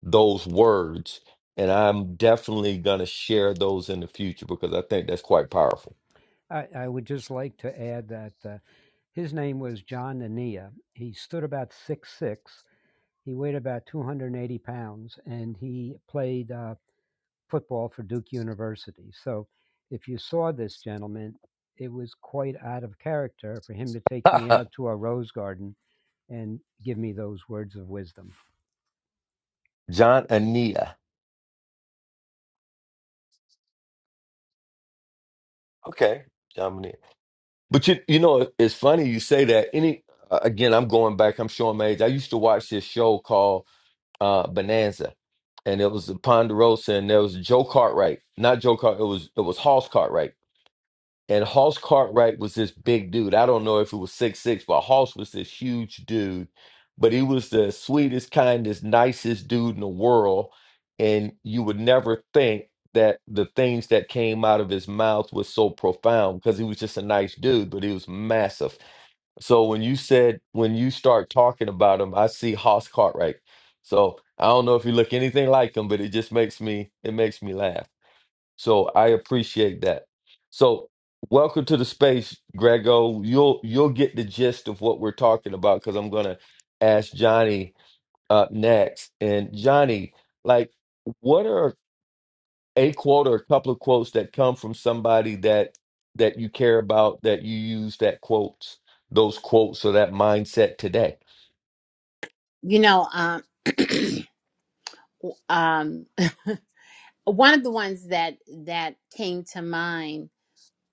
those words and i'm definitely going to share those in the future because i think that's quite powerful I, I would just like to add that uh, his name was John Anea. He stood about six six. He weighed about 280 pounds, and he played. Uh, football for Duke University. So if you saw this gentleman, it was quite out of character for him to take *laughs* me out to a rose garden and give me those words of wisdom. john ania okay john ania but you you know it's funny you say that any uh, again i'm going back i'm showing my age i used to watch this show called uh, Bonanza, and it was the Ponderosa, and there was Joe Cartwright, not Joe Cart, it was it was Hoss Cartwright and Hoss Cartwright was this big dude. I don't know if it was six six, but Hoss was this huge dude. But he was the sweetest, kindest, nicest dude in the world. And you would never think that the things that came out of his mouth was so profound because he was just a nice dude, but he was massive. So when you said when you start talking about him, I see Hoss Cartwright. So I don't know if you look anything like him, but it just makes me it makes me laugh. So I appreciate that. So welcome to the space, Grego. You'll you'll get the gist of what we're talking about because I'm gonna ask Johnny uh, next. And Johnny, like, what are a quote or a couple of quotes that come from somebody that that you care about that you use that quotes those quotes or that mindset today? You know, um, *clears throat* um, *laughs* one of the ones that that came to mind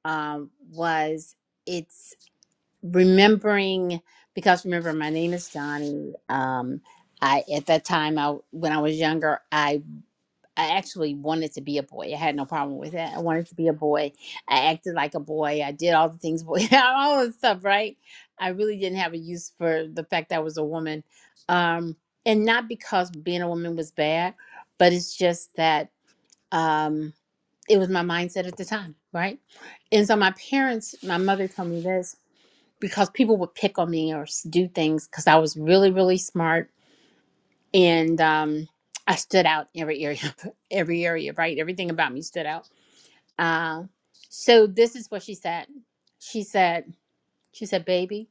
um, was it's remembering because remember my name is Donnie. Um, I at that time I when I was younger I actually wanted to be a boy. I had no problem with that. I wanted to be a boy. I acted like a boy. I did all the things boy, *laughs* all the stuff, right? I really didn't have a use for the fact that I was a woman. Um, and not because being a woman was bad, but it's just that um, it was my mindset at the time, right? And so my parents, my mother told me this because people would pick on me or s- do things because I was really, really smart and um, I stood out in every area, *laughs* every area, right? Everything about me stood out. Uh, so this is what she said. She said, she said, baby,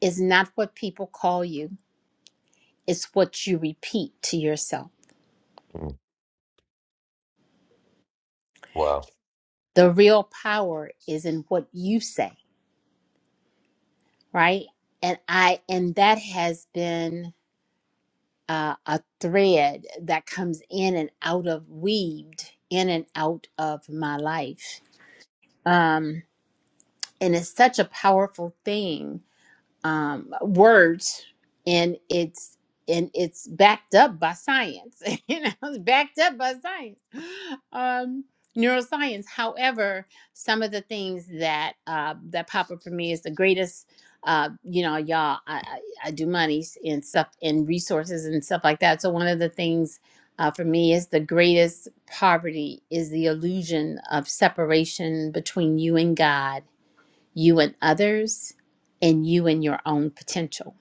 it's not what people call you; it's what you repeat to yourself. Mm, Wow, The real power is in what you say, right? And I, and that has been uh, a thread that comes in and out of weaved in and out of my life. Um, and it's such a powerful thing um words and it's and it's backed up by science *laughs* you know it's backed up by science um neuroscience however some of the things that uh that pop up for me is the greatest uh you know y'all i i, I do monies and stuff and resources and stuff like that so one of the things uh, for me is the greatest poverty is the illusion of separation between you and god you and others, and you and your own potential.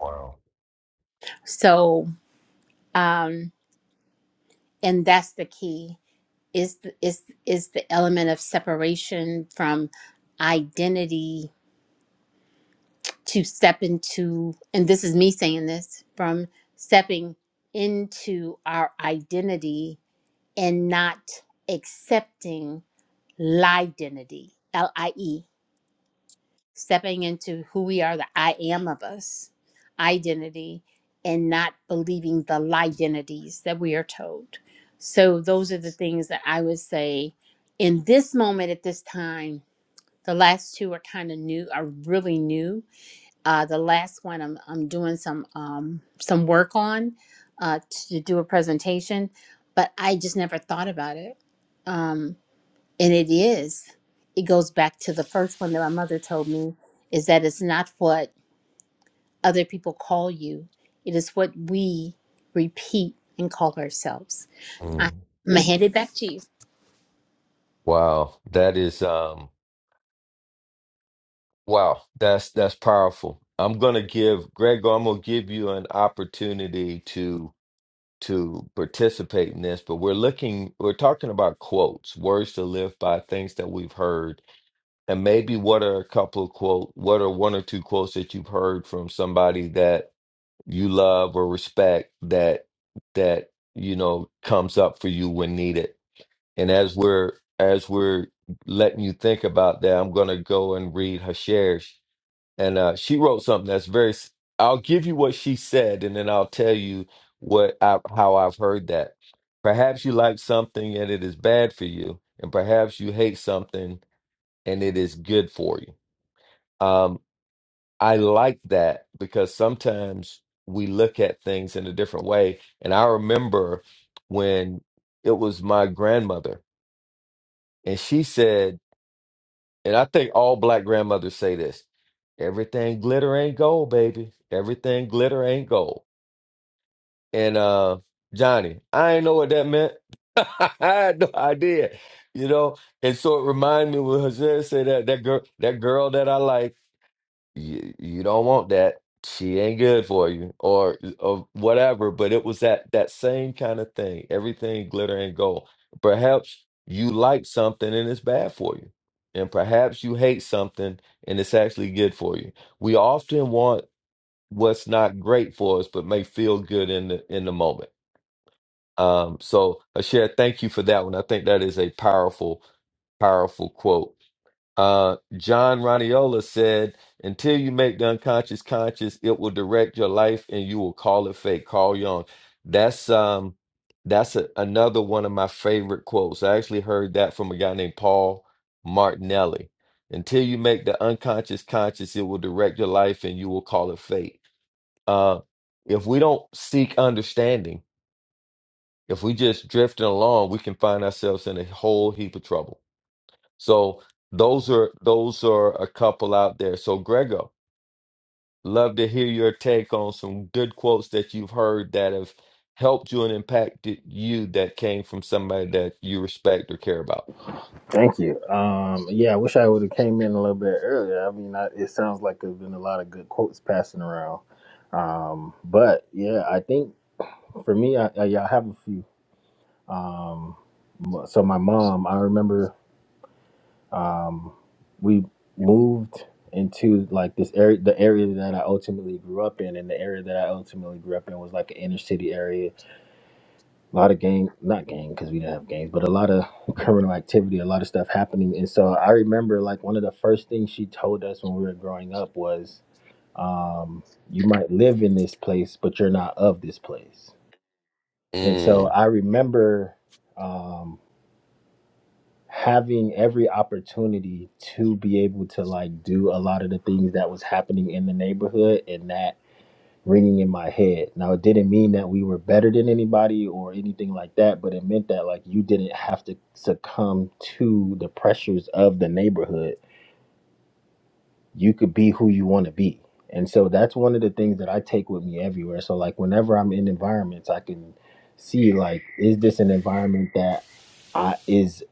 wow, So, um, and that's the key is the, is is the element of separation from identity to step into, and this is me saying this from stepping into our identity and not accepting lie identity, L I E. stepping into who we are, the I am of us identity, and not believing the lie identities that we are told. So, those are the things that I would say in this moment at this time. The last two are kind of new, are really new. Uh, the last one I'm, I'm doing some um, some work on uh, to do a presentation, but I just never thought about it. Um, and it is. It goes back to the first one that my mother told me is that it's not what other people call you, it is what we repeat and call ourselves. I, Mm, I'm headed back to you. wow. That is um. Wow, that's that's powerful. I'm gonna give Gregor, I'm gonna give you an opportunity to to participate in this, but we're looking we're talking about quotes, words to live by, things that we've heard. And maybe what are a couple of quote what are one or two quotes that you've heard from somebody that you love or respect that that you know comes up for you when needed. And as we're as we're letting you think about that, I'm gonna go and read Hasher's and uh, she wrote something that's very. s- I'll give you what she said, and then I'll tell you what I, how I've heard that. Perhaps you like something and it is bad for you, and perhaps you hate something and it is good for you. Um, I like that because sometimes we look at things in a different way. And I remember when it was my grandmother, and she said. And I think all black grandmothers say this. Everything glitter ain't gold, baby. Everything glitter ain't gold. And uh Johnny, I ain't know what that meant. *laughs* I had no idea. You know, and so it reminded me when Jose said that that girl that girl that I like you you don't want that. She ain't good for you, or or whatever. But it was that that same kind of thing. Everything glitter and gold. Perhaps you like something and it's bad for you, and perhaps you hate something and it's actually good for you. We often want what's not great for us, but may feel good in the in the moment. Um, so Asher, thank you for that one. I think that is a powerful, powerful quote uh, John Raniola said, "Until you make the unconscious conscious, it will direct your life, and you will call it fate." Carl Jung. That's um, that's a, another one of my favorite quotes. I actually heard that from a guy named Paul Martinelli. Until you make the unconscious conscious, it will direct your life, and you will call it fate. Uh, if we don't seek understanding, if we just drifting along, we can find ourselves in a whole heap of trouble. So those are those are a couple out there. So Grego, love to hear your take on some good quotes that you've heard that have helped you and impacted you that came from somebody that you respect or care about. Thank you. Um, yeah, I wish I would have came in a little bit earlier. I mean, I, it sounds like there's been a lot of good quotes passing around. Um, but yeah, I think for me, I, I, yeah, I have a few. So my mom, I remember we moved into like this area, the area that I ultimately grew up in, and the area that I ultimately grew up in was like an inner city area. A lot of gang, not gang, because we didn't have gangs, but a lot of *laughs* criminal activity, a lot of stuff happening. And so I remember like one of the first things she told us when we were growing up was um, you might live in this place, but you're not of this place. And so Mm, I remember um, having every opportunity to be able to like do a lot of the things that was happening in the neighborhood and that ringing in my head. Now, it didn't mean that we were better than anybody or anything like that, but it meant that like you didn't have to succumb to the pressures of the neighborhood you could be who you want to be. And so that's one of the things that I take with me everywhere. So like whenever I'm in environments, I can see like is this an environment that I is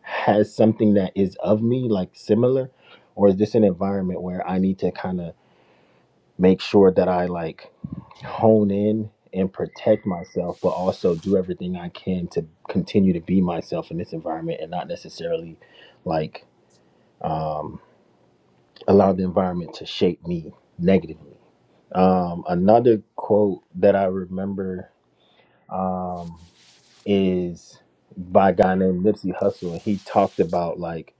has something that is of me like similar or is this an environment where I need to kind of make sure that I like hone in and protect myself but also do everything I can to continue to be myself in this environment and not necessarily like um allow the environment to shape me negatively. Um, another quote that I remember um, is by a guy named Nipsey Hussle, and he talked about like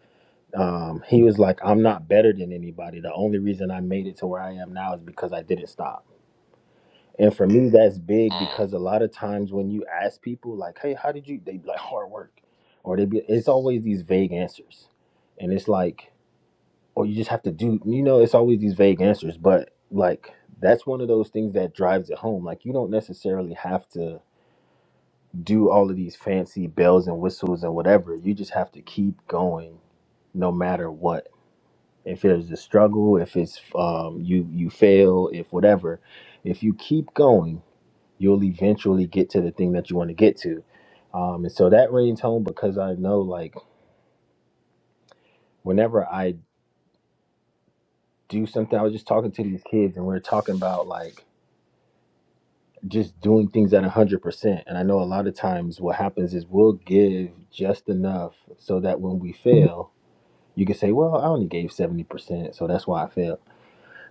um, he was like, "I'm not better than anybody. The only reason I made it to where I am now is because I didn't stop." And for me, that's big mm. because a lot of times when you ask people like, "Hey, how did you?" They be like hard work, or they be it's always these vague answers, and it's like or you just have to do you know it's always these vague answers but like that's one of those things that drives it home like you don't necessarily have to do all of these fancy bells and whistles and whatever you just have to keep going no matter what if there's a struggle if it's um, you you fail if whatever if you keep going you'll eventually get to the thing that you want to get to um, and so that rings home because i know like whenever i do something i was just talking to these kids and we we're talking about like just doing things at 100% and i know a lot of times what happens is we'll give just enough so that when we fail you can say well i only gave 70% so that's why i failed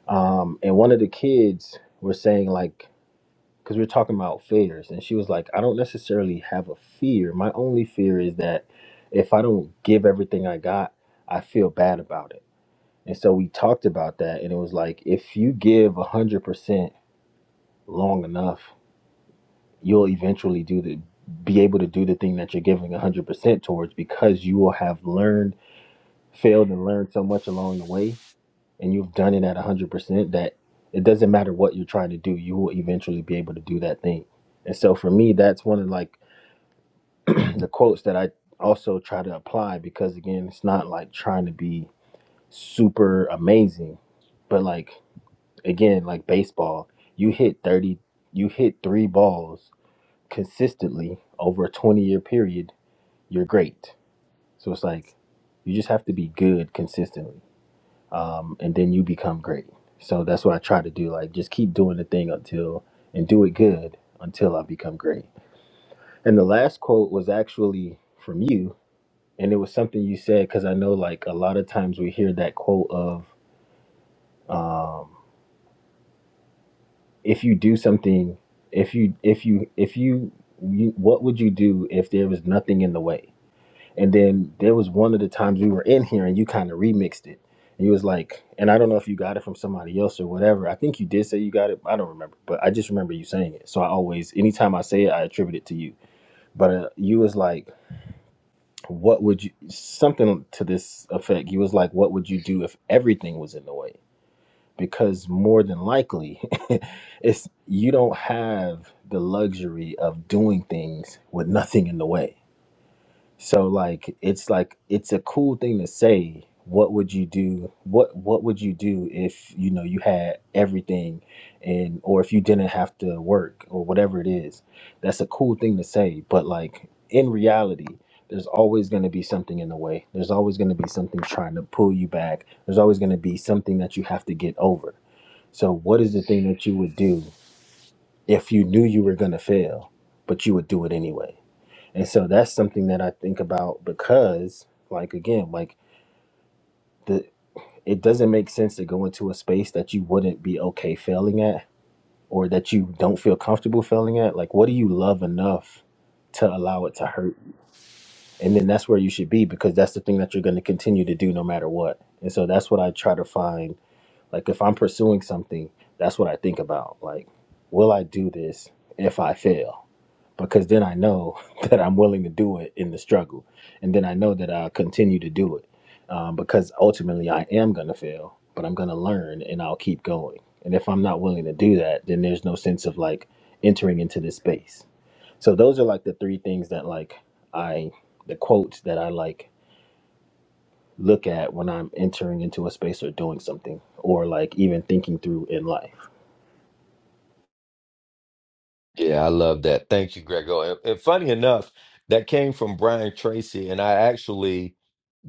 um, and one of the kids was saying like because we were talking about fears and she was like i don't necessarily have a fear my only fear is that if i don't give everything i got i feel bad about it and so we talked about that and it was like if you give 100% long enough you'll eventually do the be able to do the thing that you're giving 100% towards because you will have learned failed and learned so much along the way and you've done it at 100% that it doesn't matter what you're trying to do you will eventually be able to do that thing and so for me that's one of like *clears throat* the quotes that i also try to apply because again it's not like trying to be super amazing but like again like baseball you hit 30 you hit three balls consistently over a 20 year period, you're great. So it's like you just have to be good consistently, um, and then you become great. So that's what I try to do. Like just keep doing the thing until and do it good until I become great. And the last quote was actually from you, and it was something you said because I know like a lot of times we hear that quote of um, if you do something, if you if you if you, you what would you do if there was nothing in the way? And then there was one of the times we were in here and you kind of remixed it. And you was like, and I don't know if you got it from somebody else or whatever. I think you did say you got it. I don't remember, but I just remember you saying it. So I always, anytime I say it, I attribute it to you. But uh, you was like, what would you, something to this effect. You was like, what would you do if everything was in the way? Because more than likely, *laughs* it's you don't have the luxury of doing things with nothing in the way so like it's like it's a cool thing to say. What would you do? What what would you do if you know you had everything and or if you didn't have to work or whatever it is? That's a cool thing to say, but like in reality, there's always going to be something in the way. There's always going to be something trying to pull you back. There's always going to be something that you have to get over. So what is the thing that you would do if you knew you were going to fail, but you would do it anyway? And so that's something that I think about because, like again, like the it doesn't make sense to go into a space that you wouldn't be okay failing at or that you don't feel comfortable failing at. Like what do you love enough to allow it to hurt? And then that's where you should be because that's the thing that you're going to continue to do no matter what. And so that's what I try to find. Like if I'm pursuing something, that's what I think about. Like, will I do this if I fail? because then I know *laughs* that I'm willing to do it in the struggle, and then I know that I'll continue to do it um, because ultimately I am going to fail, but I'm going to learn and I'll keep going. And if I'm not willing to do that, then there's no sense of like entering into this space. So those are like the three things that like I the quotes that I like look at when I'm entering into a space or doing something or like even thinking through in life. Yeah, I love that. Thank you, Grego. And, and funny enough, that came from Brian Tracy, and I actually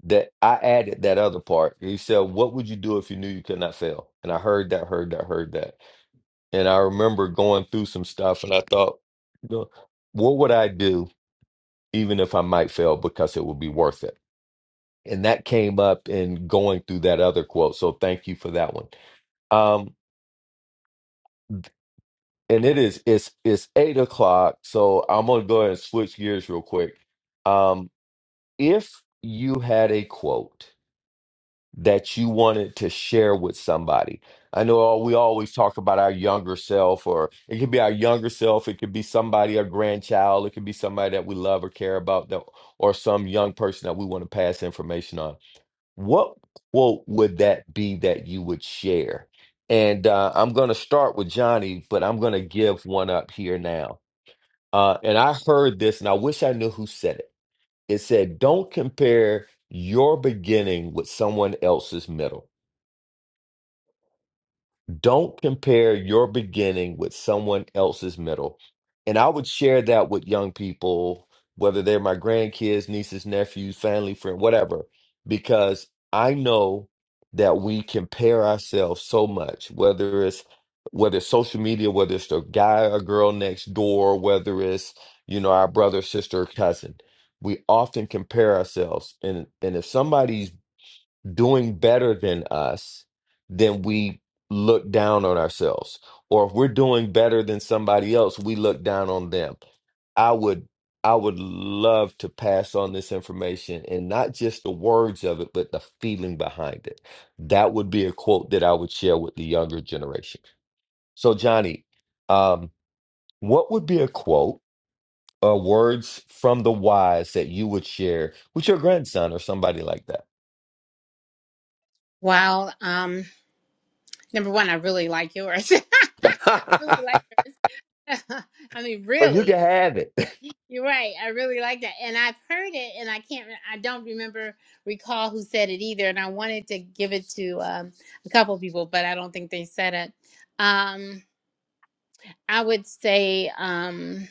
that I added that other part. He said, "What would you do if you knew you could not fail?" And I heard that, heard that, heard that. And I remember going through some stuff and I thought, you know, what would I do even if I might fail because it would be worth it? And that came up in going through that other quote. So thank you for that one. Um, and it is it's it's eight o'clock, so I'm gonna go ahead and switch gears real quick. Um, if you had a quote that you wanted to share with somebody. I know all- we always talk about our younger self, or it could be our younger self, it could be somebody, our grandchild, it could be somebody that we love or care about, that, or some young person that we want to pass information on. What quote would that be that you would share? And uh, I'm going to start with Johnny, but I'm going to give one up here now. Uh, and I heard this, and I wish I knew who said it. It said, Don't compare your beginning with someone else's middle. Don't compare your beginning with someone else's middle. And I would share that with young people, whether they're my grandkids, nieces, nephews, family, friend, whatever, because I know that we compare ourselves so much, whether it's whether it's social media, whether it's the guy or girl next door, whether it's, you know, our brother, sister, or cousin. We often compare ourselves. And and if somebody's doing better than us, then we look down on ourselves. Or if we're doing better than somebody else, we look down on them. I would I would love to pass on this information and not just the words of it, but the feeling behind it. That would be a quote that I would share with the younger generation. So Johnny, um, what would be a quote or words from the wise that you would share with your grandson or somebody like Well, Um, number one, I really like yours. *laughs* I really that? *laughs* like. *laughs* I mean, Or you really, can have it. you're right. I really like that, and I've heard it, and I can't. re- I don't remember recall who said it either, and I wanted to give it to um, a couple people, but I don't think they said it. Um, I would say um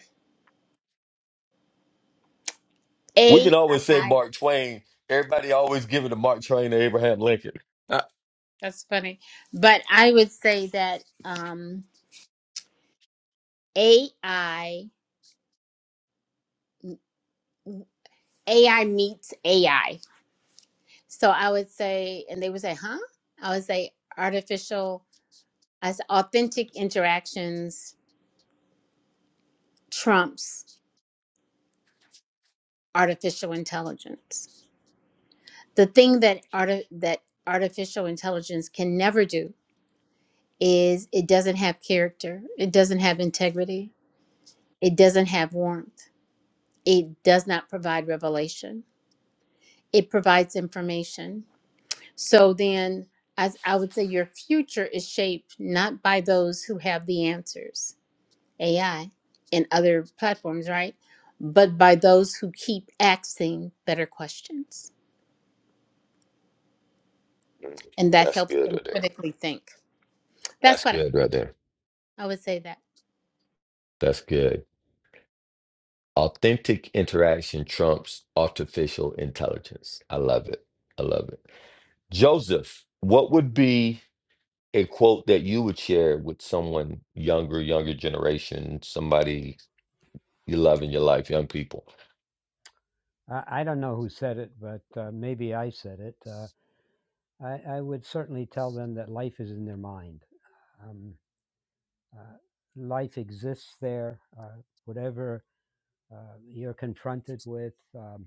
We can always say AI. Mark Twain. Everybody always giving to Mark Twain or Abraham Lincoln. Uh, That's funny. But I would say that um AI AI meets AI. So I would say and they would say, "Huh?" I would say artificial as authentic interactions trumps artificial intelligence. The thing that art that artificial intelligence can never do is it doesn't have character. It doesn't have integrity. It doesn't have warmth It does not provide revelation, it provides information. So then, as I would say, your future is shaped not by those who have the answers, AI and other platforms, right? But by those who keep asking better questions. And that That's helps good them right there. critically think. That's That's what good right there. I would say that. That's good. Authentic interaction trumps artificial intelligence. I love it. I love it. Joseph, what would be a quote that you would share with someone younger, younger generation, somebody you love in your life, young people? I, I don't know who said it, but uh, maybe I said it. Uh, I, I would certainly tell them that life is in their mind. Um, uh, life exists there. Uh, whatever uh, you're confronted with, um,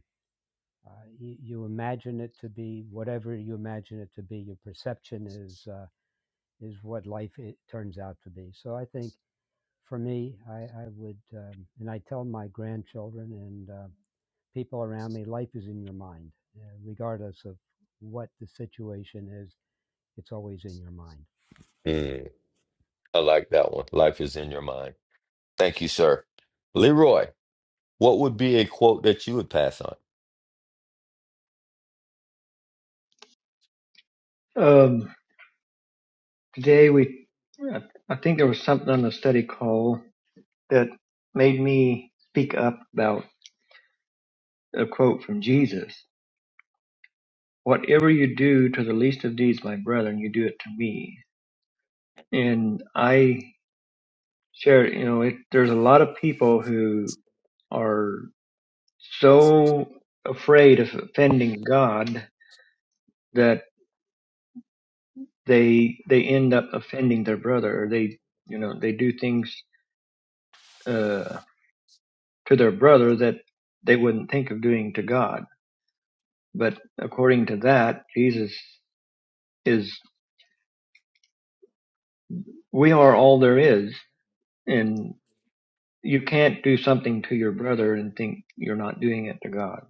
uh, you, you imagine it to be whatever you imagine it to be. Your perception is. uh, is what life it turns out to be. So I think for me, I, I would, um, and I tell my grandchildren and uh, people around me, life is in your mind, uh, regardless of what the situation is. It's always in your mind. Mm, I like that one. Life is in your mind. Thank you, sir. Leroy. What would be a quote that you would pass on? *laughs* um, today we, I I think there was something on the study call that made me speak up about a quote from Jesus. Whatever you do to the least of these, my brethren, you do it to me. And I shared, you know, it, there's a lot of people who are so afraid of offending God that they they end up offending their brother. Or they you know they do things. Uh, to their brother that they wouldn't think of doing to God. But according to that, Jesus is, we are all there is. And you can't do something to your brother and think you're not doing it to God.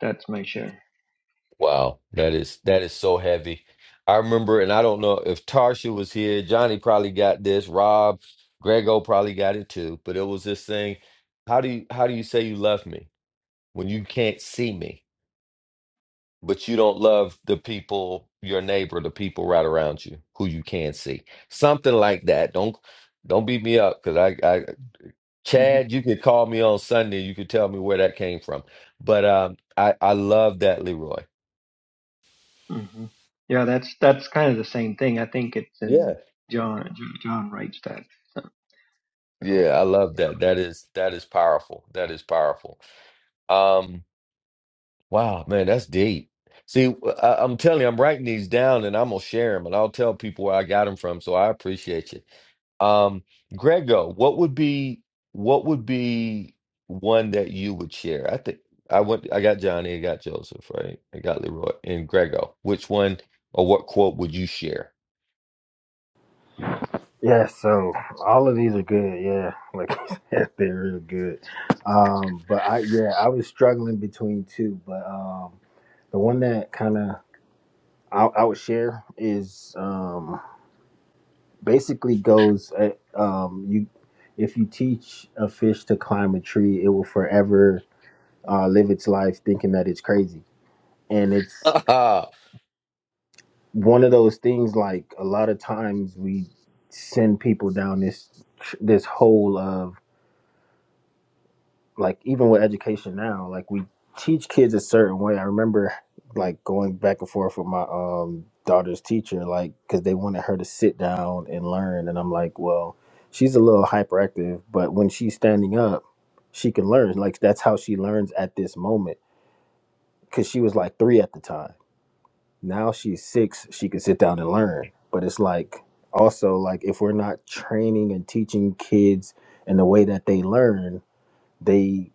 That's my share. Wow, that is that is so heavy. I remember, and I don't know if Tarsha was here. Johnny probably got this. Rob, Grego probably got it too. But it was this thing. How do you how do you say you love me when you can't see me, but you don't love the people, your neighbor, the people right around you who you can see? Something like that. Don't don't beat me up because I, I hmm Chad, you could call me on Sunday. You could tell me where that came from. But um, I I love that, Leroy. hmm Yeah, that's, that's kind of the same thing. I think it's Yeah, in John, John writes that. So, yeah, I love yeah. that. That is that is powerful. That is powerful. Um, wow, man, that's deep. See, I, I'm telling you, I'm writing these down, and I'm gonna share them, and I'll tell people where I got them from. So I appreciate you. Um, Grego, what would be what would be one that you would share? I think I went I got Johnny, I got Joseph, right? I got Leroy and Grego. Which one or what quote would you share? Yeah, so all of these are good. Yeah, like *laughs* you said, they're real good. Um, but I yeah, I was struggling between two, but um, the one that kind of I, I would share is um, basically goes uh, um, you if you teach a fish to climb a tree, it will forever uh, live its life thinking that it's crazy, and it's *laughs* one of those things. Like a lot of times we send people down this this hole of like even with education now, like we teach kids a certain way. I remember like going back and forth with my um daughter's teacher, like because they wanted her to sit down and learn, and I'm like, well, she's a little hyperactive, but when she's standing up, she can learn. Like that's how she learns at this moment. Because she was like three at the time. Now she's six. She can sit down and learn. But it's like also like if we're not training and teaching kids in the way that they learn, they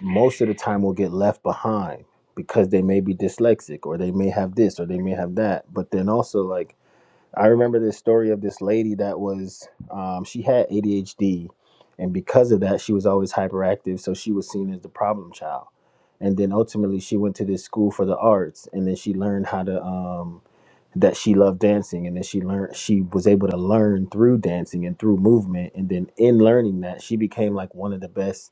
most of the time will get left behind because they may be dyslexic or they may have this or they may have that. But then also, like, I remember this story of this lady that was, um, she had ADHD. And because of that, she was always hyperactive. So she was seen as the problem child. And then ultimately, she went to this school for the arts. And then she learned how to, um, that she loved dancing. And then she learned, she was able to learn through dancing and through movement. And then in learning that, she became like one of the best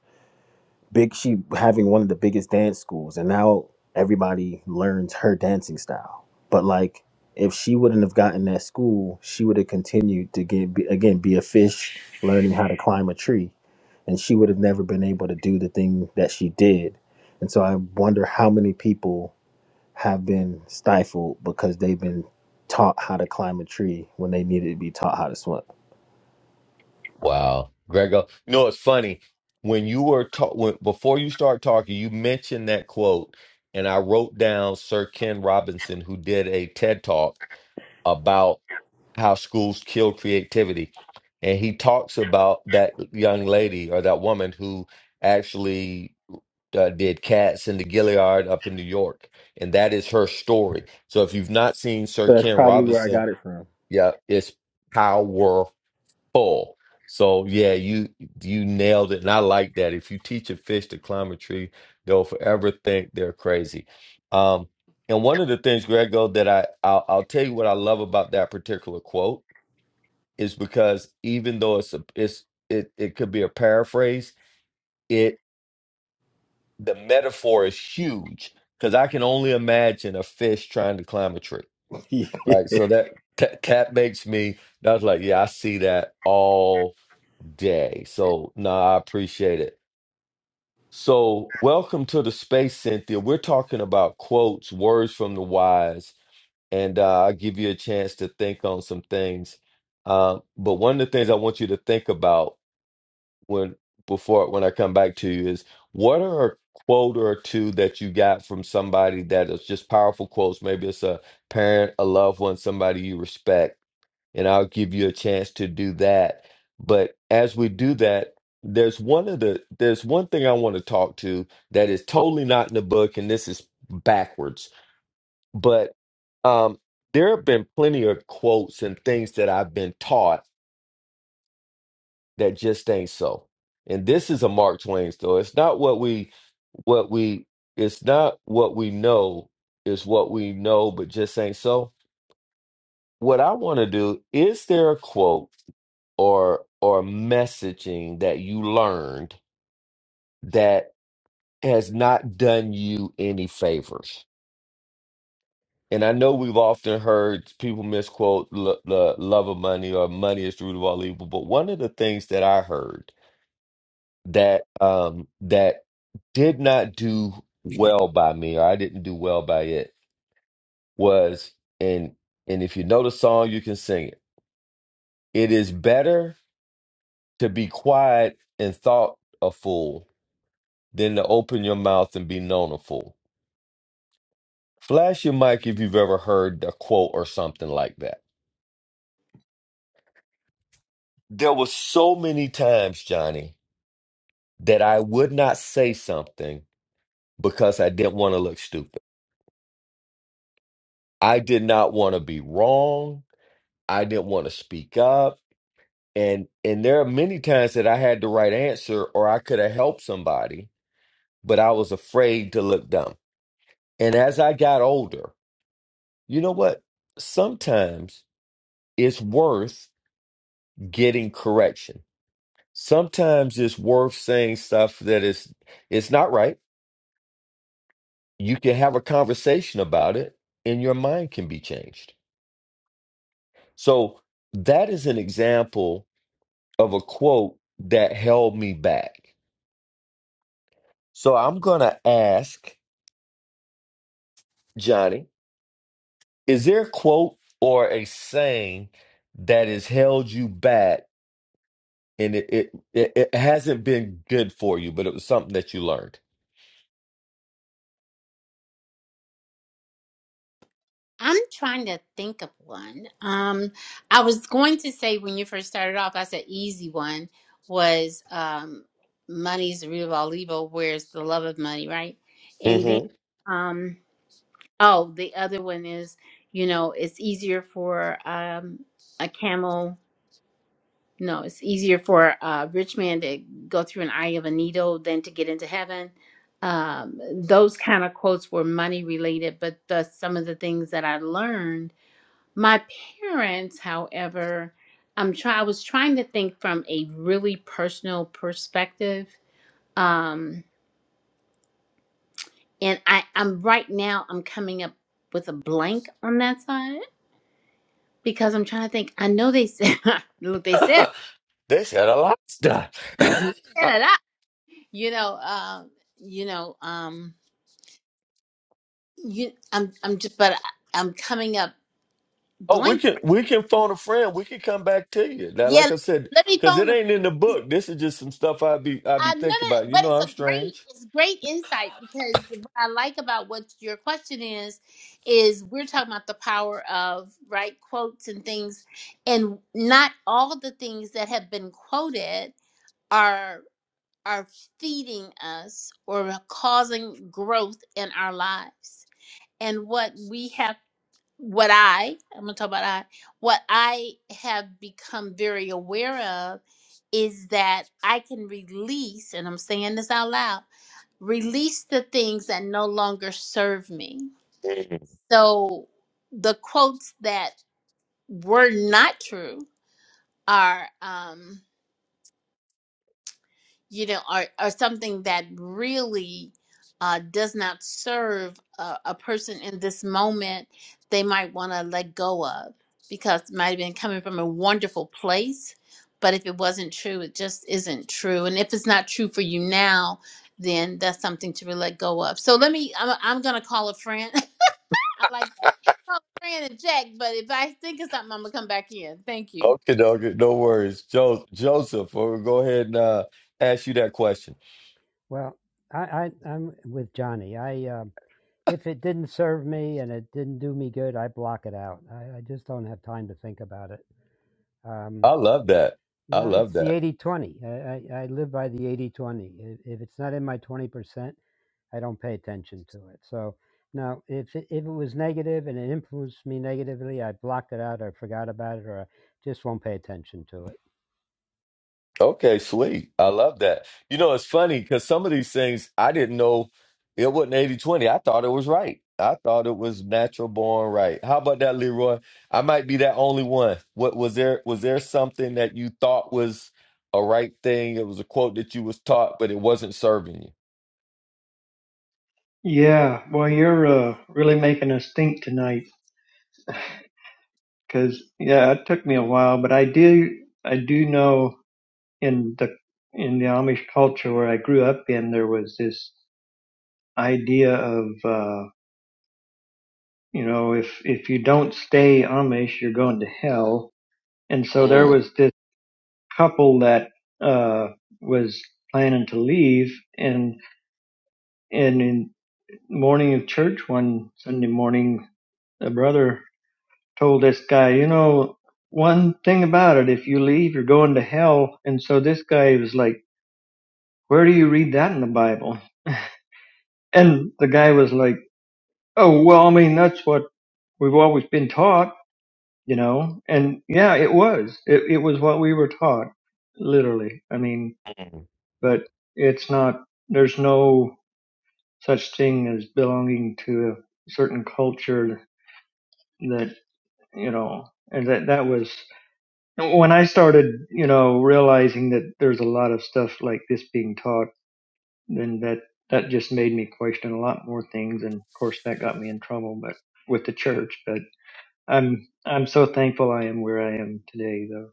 big she having one of the biggest dance schools and now everybody learns her dancing style but like if she wouldn't have gotten that school she would have continued to get be, again be a fish learning how to climb a tree and she would have never been able to do the thing that she did and so i wonder how many people have been stifled because they've been taught how to climb a tree when they needed to be taught how to swim Wow. Grego. You know, it's funny. When you were talk when before you start talking, you mentioned that quote, and I wrote down Sir Ken Robinson, who did a TED talk about how schools kill creativity. And he talks about that young lady or that woman who actually uh, did Cats in the Gilliard up in New York. And that is her story. So if you've not seen Sir so that's Ken probably where i Robinson, got it from yeah, it's powerful. So yeah, you you nailed it. And I like that. If you teach a fish to climb a tree, they'll forever think they're crazy. Um, and one of the things, Grego, that I I'll, I'll tell you what I love about that particular quote is because even though it's a, it's it it could be a paraphrase, it the metaphor is huge because I can only imagine a fish trying to climb a tree, *laughs* right? So that that, that makes me. I was like, yeah, I see that all day. So no, nah, I appreciate it. So welcome to the space, Cynthia. We're talking about quotes, words from the wise, and uh, I'll give you a chance to think on some things. Uh, but one of the things I want you to think about when before when I come back to you is what are a quote or two that you got from somebody that is just powerful quotes? Maybe it's a parent, a loved one, somebody you respect, and I'll give you a chance to do that. But as we do that, there's one of the there's one thing I want to talk to that is totally not in the book, and this is backwards, but um there have been plenty of quotes and things that I've been taught that just ain't so. And this is a Mark Twain story. It's not what we what we it's not what we know, it's what we know, but just ain't so. What I want to do, is there a quote or or messaging that you learned that has not done you any favors? And I know we've often heard people misquote the love of money or money is the root of all evil, but one of the things that I heard that um that did not do well by me or I didn't do well by it was and and if you know the song you can sing it. It is better to be quiet and thought a fool than to open your mouth and be known a fool. Flash your mic if you've ever heard a quote or something like that. There were so many times, Johnny, that I would not say something because I didn't want to look stupid. I did not want to be wrong. I didn't want to speak up. And and there are many times that I had the right answer or I could have helped somebody, but I was afraid to look dumb. And as I got older, you know what? Sometimes it's worth getting correction. Sometimes it's worth saying stuff that is it's not right. You can have a conversation about it and your mind can be changed. So that is an example of a quote that held me back So I'm going to ask Johnny, is there a quote or a saying that has held you back and it, it, it, it hasn't been good for you, but it was something that you learned? I'm trying to think of one. Um, I was going to say when you first started off, I said easy one was um, money's the root of all evil. Where's the love of money, right? And hmm then, um, oh, the other one is, you know, it's easier for um, a camel. No, it's easier for a rich man to go through an eye of a needle than to get into heaven. Um, those kind of quotes were money related, but the, some of the things that I learned my parents, however, I'm try I was trying to think from a really personal perspective. Um and I I'm right now I'm coming up with a blank on that side because I'm trying to think. I know they said *laughs* look they *laughs* said they said a lot of stuff. *coughs* they said it out. You know, uh, you know, um you I'm I'm just but I, I'm coming up *laughs* oh, we blank. can we can phone a friend. We can come back to you. Now, Yeah, like let, I said, let me because it phone a ain't in the book. This is just some stuff I be I be Uh, no, thinking about. of, You but know, it's I'm a great, strange. it's great insight because what I like about what your question is, is we're talking about the power of right quotes and things, and not all the things that have been quoted are are feeding us or causing growth in our lives. And what we have what I, I'm gonna talk about I, what I have become very aware of is that I can release, and I'm saying this out loud, release the things that no longer serve me. Mhm. So the quotes that were not true are, um. you know, or, or something that really uh, does not serve a, a person in this moment, they might want to let go of because it might have been coming from a wonderful place. But if it wasn't true, it just isn't true. And if it's not true for you now, then that's something to really let go of. So let me, I'm, I'm going to call a friend. *laughs* I like that. Call a friend and check, but if I think of something, I'm going to come back in. Thank you. Okay, no, no worries, jo- Joseph. We'll go ahead and uh, ask you that question. Well, I, I I'm with Johnny. I um if it didn't serve me and it didn't do me good, I block it out. I, I just don't have time to think about it. Um, I love that. you I know, love it's the that. eighty-twenty. I, I, I live by the eighty-twenty. If if it's not in my 20%, I don't pay attention to it. So now, if it, if it was negative and it influenced me negatively, I blocked it out, I forgot about it, or I just won't pay attention to it. Okay, sweet. I love that. You know, it's funny because some of these things I didn't know it wasn't eighty twenty. I thought it was right. I thought it was natural born right. How about that, Leroy? I might be that only one. What was there was there something that you thought was a right thing? It was a quote that you was taught, but it wasn't serving you. Yeah. Well, you're uh, really making us think tonight because, yeah, it took me a while, but I do, I do know in the in the Amish culture where I grew up in, there was this idea of uh, you know if if you don't stay Amish, you're going to hell. And so there Mm. was this couple that uh, was planning to leave, and and in the morning of church one Sunday morning, a brother told this guy, you know, one thing about it, if you leave, you're going to hell. And so this guy was like, where do you read that in the Bible? And the guy was like Oh, well, I mean, that's what we've always been taught, you know, and yeah, it was, it, it was what we were taught, literally. I mean, Mm. but it's not, there's no such thing as belonging to a certain culture that, you know, and that, that was when I started, you know, realizing that there's a lot of stuff like this being taught, then that, that just made me question a lot more things. And of course that got me in trouble, but with the church, but. I'm I'm so thankful I am where I am today, though.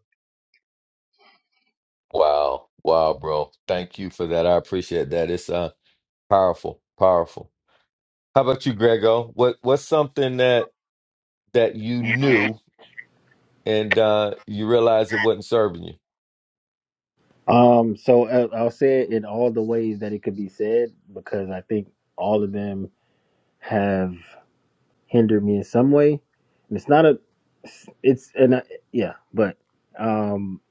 Wow. Wow, bro. Thank you for that. I appreciate that. It's uh powerful. Powerful. How about you, Grego? What what's something that that you Yeah. knew and uh, you realized it wasn't serving you. Um, so uh, I'll say it in all the ways that it could be said because I think all of them have hindered me in some way, and it's not a, it's and I, yeah, but um,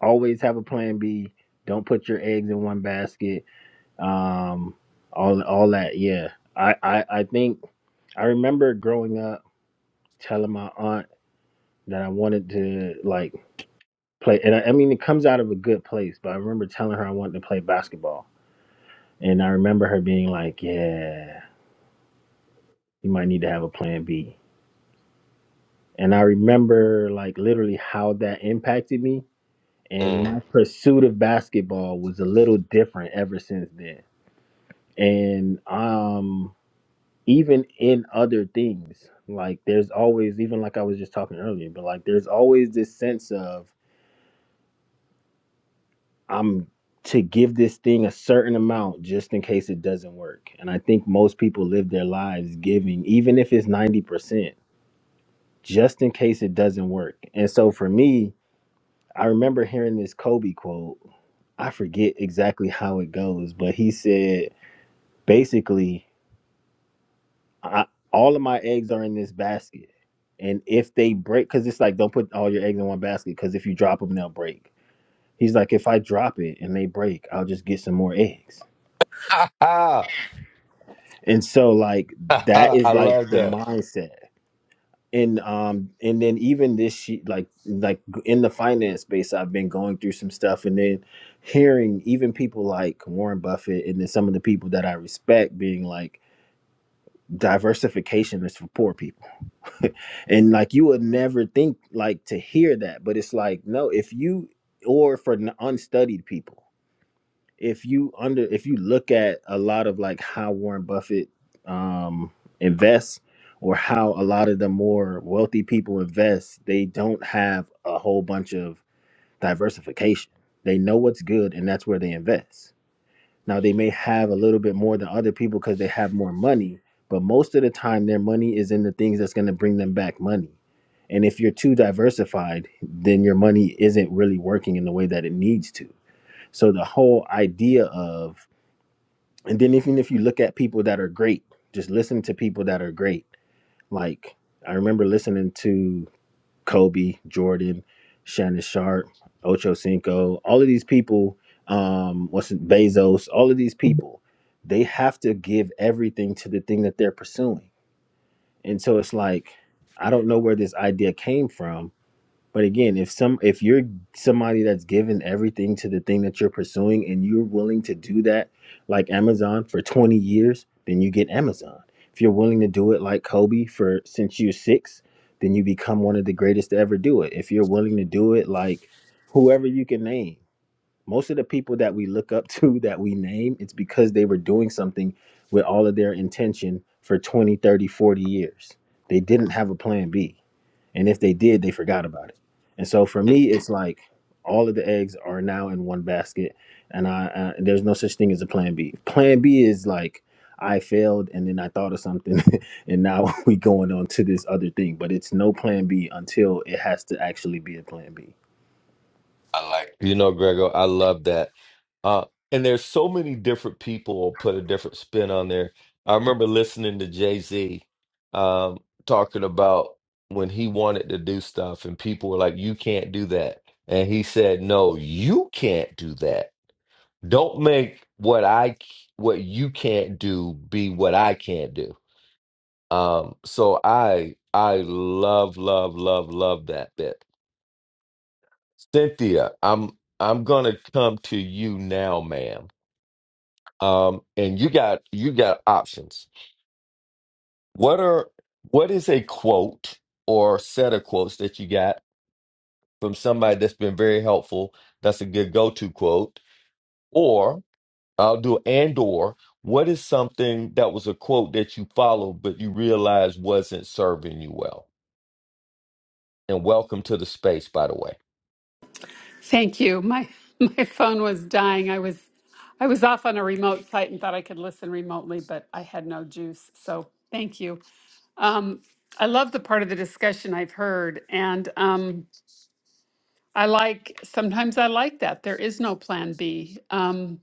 always have a plan B. Don't put your eggs in one basket. Um, all all that. Yeah, I I I think I remember growing up telling my aunt that I wanted to like play, and I, I mean it comes out of a good place, but I remember telling her I wanted to play basketball And I remember her being like, Yeah, you might need to have a plan B. And I remember like literally how that impacted me. And Mm. my *laughs* pursuit of basketball was a little different ever since then. And um even in other things, like there's always even like I was just talking earlier, but like there's always this sense of I'm to give this thing a certain amount just in case it doesn't work. And I think most people live their lives giving, even if it's 90%. just in case it doesn't work. And so for me, I remember hearing this Kobe quote. I forget exactly how it goes, but he said basically, I, all of my eggs are in this basket. And if they break, because it's like, don't put all your eggs in one basket, because if you drop them, they'll break. He's like, if I drop it and they break, I'll just get some more eggs. Ha ha And so, like, ha that ha! I is like love the that. mindset. and um and then even this ye- like like in the finance space i've been going through some stuff and then hearing even people like warren buffett and then some of the people that i respect being like diversification is for poor people *laughs* and like you would never think like to hear that but it's like no if you or for n- unstudied people if you under if you look at a lot of like how Warren Buffett um invests or how a lot of the more wealthy people invest, they don't have a whole bunch of diversification. They know what's good and that's where they invest. Now they may have a little bit more than other people because they have more money, but most of the time their money is in the things that's going to bring them back money. And if you're too diversified, then your money isn't really working in the way that it needs to. So the whole idea of and then even if you look at people that are great, just listen to people that are great. Like I remember listening to Kobe, Jordan, Shannon Sharp, Ocho Cinco, all of these people, um, what's it, Bezos, all of these people, they have to give everything to the thing that they're pursuing. And so it's like, I don't know where this idea came from, but again, if some if you're somebody that's given everything to the thing that you're pursuing and you're willing to do that like Amazon for 20 years, then you get Amazon. If you're willing to do it like Kobe for since you're 6, then you become one of the greatest to ever do it. If you're willing to do it like whoever you can name, most of the people that we look up *laughs* to that we name it's because they were doing something with all of their intention for 20, 30, 40 years they didn't have a plan b and if they did they forgot about it and so for me it's like all of the eggs are now in one basket and i uh, there's no such thing as a plan b plan b is like i failed and then i thought of something *laughs* and now *laughs* we going on to this other thing but it's no plan b until it has to actually be a plan b I like it. you know, Grego. I love that. Uh, and there's so many different people will put a different spin on there. I remember listening to Jay Z um, talking about when he wanted to do stuff, and people were like, "You can't do that," and he said, "No, you can't do that. Don't make what I c- what you can't do be what I can't do." Um, so I I love, love, love, love that bit. Cynthia, I'm I'm gonna come to you now, ma'am. Um, and you got you got options. What are what is a quote or set of quotes that you got from somebody that's been very helpful? That's a good go-to quote. Or I'll do and or what is something that was a quote that you followed but you realized wasn't serving you well? And welcome to the space, by the way. Thank you. My *laughs* my phone was dying. I was I was off on a remote site and thought I could listen remotely, but I had no juice. So thank you. Um, I love the part of the discussion I've heard, and um, I like sometimes I like that there is no plan B. Um,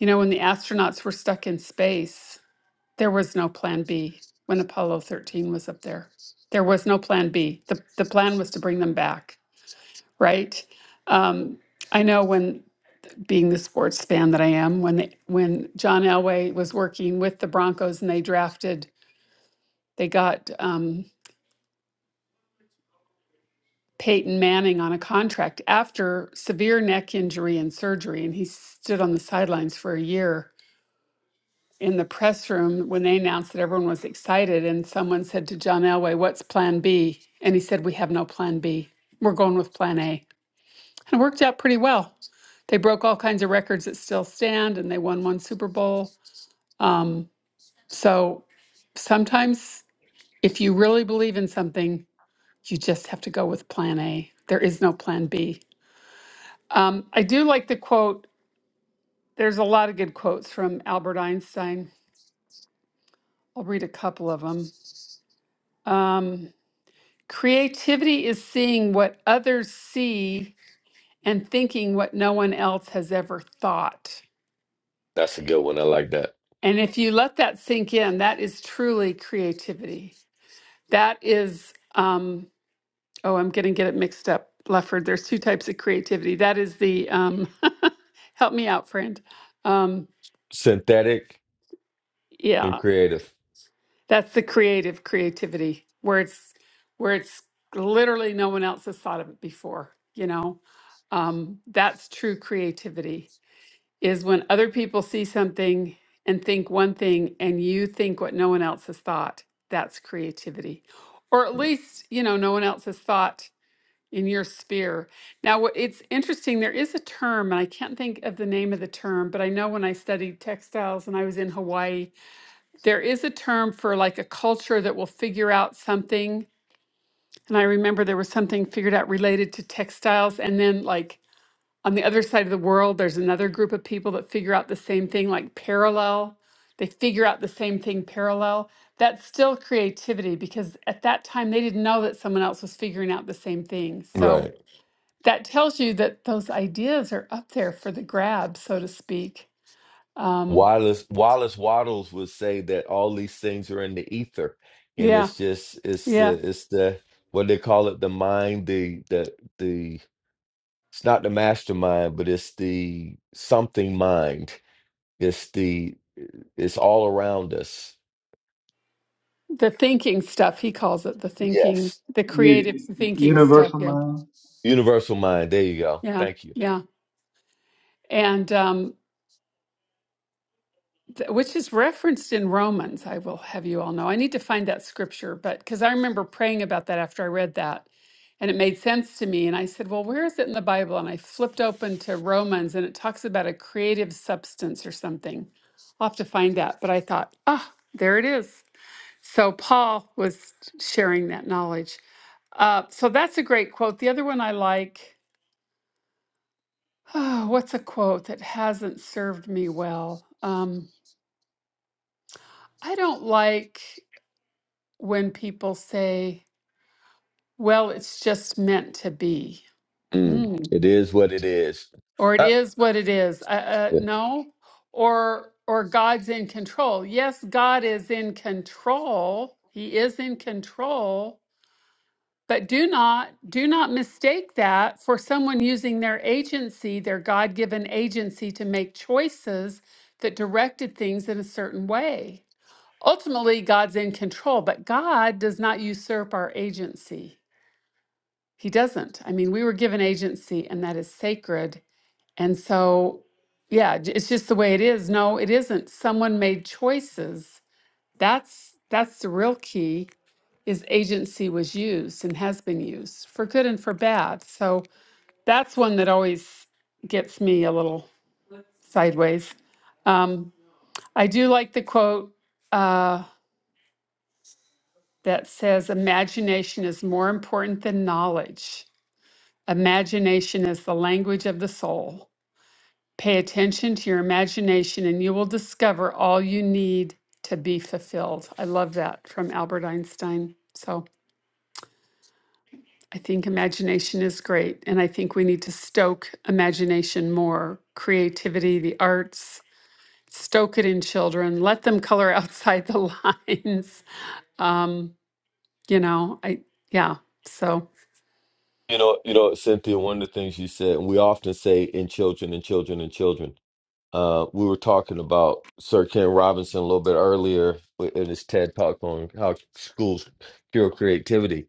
you know, when the astronauts were stuck in space. There was no plan B when Apollo 13 was up there. There was no plan B. The, the plan was to bring them back, right? Um, I know when being the sports fan that I am, when they, when John Elway was working with the Broncos and they drafted, they got um, Peyton Manning on a contract after severe neck injury and surgery, and he stood on the sidelines for a year in the press room when they announced that everyone was excited and someone said to John Elway, "What's plan B?" And he said, "We have no plan B. We're going with plan A." And it worked out pretty well. They broke all kinds of records that still stand and they won one Super Bowl. Um, so sometimes if you really believe in something, you just have to go with plan A. There is no plan B. Um, I do like the quote. There's a lot of good quotes from Albert Einstein. I'll read a couple of them. Creativity is seeing what others see and thinking what no one else has ever thought. That's a good one. I like that. And if you let that sink in, that is truly creativity. That is, um, oh, I'm going to get it mixed up, Lefford. There's two types of creativity. That is the, um, *laughs* help me out, friend. Um, Synthetic and yeah, creative. that's the creative creativity where it's where it's literally no one else has thought of it before. You know, um, that's true creativity is when other people see something and think one thing and you think what no one else has thought. That's creativity. Or at least, you know, no one else has thought in your sphere. Now, what- it's interesting, there is a term, and I can't think of the name of the term, but I know when I studied textiles and I was in Hawaii, there is a term for like a culture that will figure out something. And I remember there was something figured out related to textiles. And then, like, on the other side of the world, there's another group of people that figure out the same thing, like parallel. They figure out the same thing parallel. That's still creativity because at that time they didn't know that someone else was figuring out the same thing. So Right. that tells you that those ideas are up there for the grab, so to speak. Um, Wallace Wallace Waddles would say that all these things are in the ether, and yeah, it's just it's yeah. the it's the what they call it the mind the the the it's not the mastermind but it's the something mind it's the it's all around us The thinking stuff, he calls it the thinking, yes the creative You, thinking stuff. universal Yeah, mind. universal mind there you go yeah, thank you yeah. And um, th- which is referenced in Romans, I will have you all know. I need to find that scripture, but because I remember praying about that after I read that and it made sense to me. And I said, Well, where is it in the Bible? And I flipped open to Romans and it talks about a creative substance or something. I'll have to find that. But I thought, Ah, there it is. So Paul was sharing that knowledge. Uh, so that's a great quote. The other one I like, *sighs* oh, what's a quote that hasn't served me well? Um, I don't like. when people say, well, it's just meant to be, Mm. mm. it is what it is or it Up. is what it is. Uh, uh, no, or or God's in control. Yes, God is in control. He is in control. But do not do not mistake that for someone using their agency, their God-given agency to make choices that directed things in a certain way. Ultimately, God's in control, but God does not usurp our agency. He doesn't. I mean, we were given agency and that is sacred. And so, yeah, j- it's just the way it is. No, it isn't. Someone made choices. That's that's the real key is agency was used and has been used for good and for bad. So that's one that always gets me a little sideways. Um, I do like the quote uh, that says, imagination is more important than knowledge. Imagination is the language of the soul. Pay attention to your imagination and you will discover all you need to be fulfilled. I love that from Albert Einstein. So I think imagination is great. And I think we need to stoke imagination more, creativity, the arts, stoke it in children, let them color outside the *laughs* lines. Um, you know, I, yeah. So You know, you know, Cynthia, one of the things you said, and we often say in children and children and children, uh, we were talking about Sir Ken Robinson a little bit earlier with- in his TED talk on how schools cure creativity.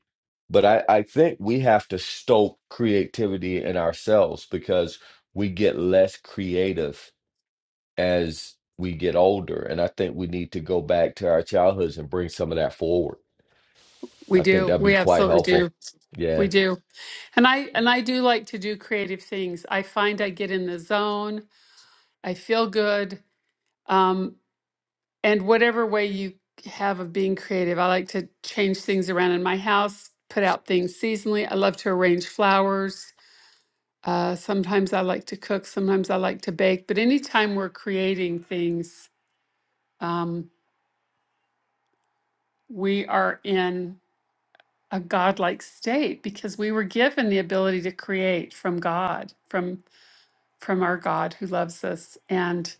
But I, I think we have to stoke creativity in ourselves because we get less creative as we get older. And I think we need to go back to our childhoods and bring some of that forward. I we think do. that'd be We quite absolutely helpful. do. Yeah. We do. And I and I do like to do creative things. I find I get in the zone. I feel good. Um, and whatever way you have of being creative, I like to change things around in my house, put out things seasonally. I love to arrange flowers. Uh, sometimes I like to cook, sometimes I like to bake. But anytime we're creating things, um, we are in a godlike state because we were given the ability to create from God, from from our God who loves us. And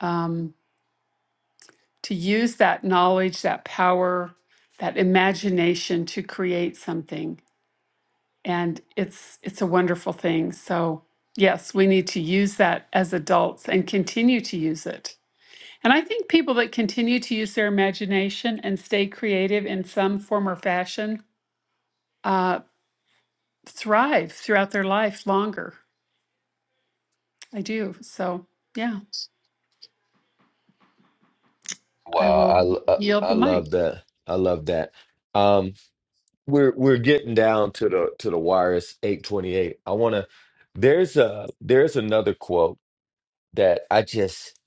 um, to use that knowledge, that power, that imagination to create something. And it's it's a wonderful thing. So yes, we need to use that as adults and continue to use it. And I think people that continue to use their imagination and stay creative in some form or fashion uh, thrive throughout their life longer. I do. So yeah, I Wow, I I will yield I the mic. love that. I love that. Um, we're we're getting down to the to the wire. It's eight twenty eight. I want to. There's a there's another quote that I just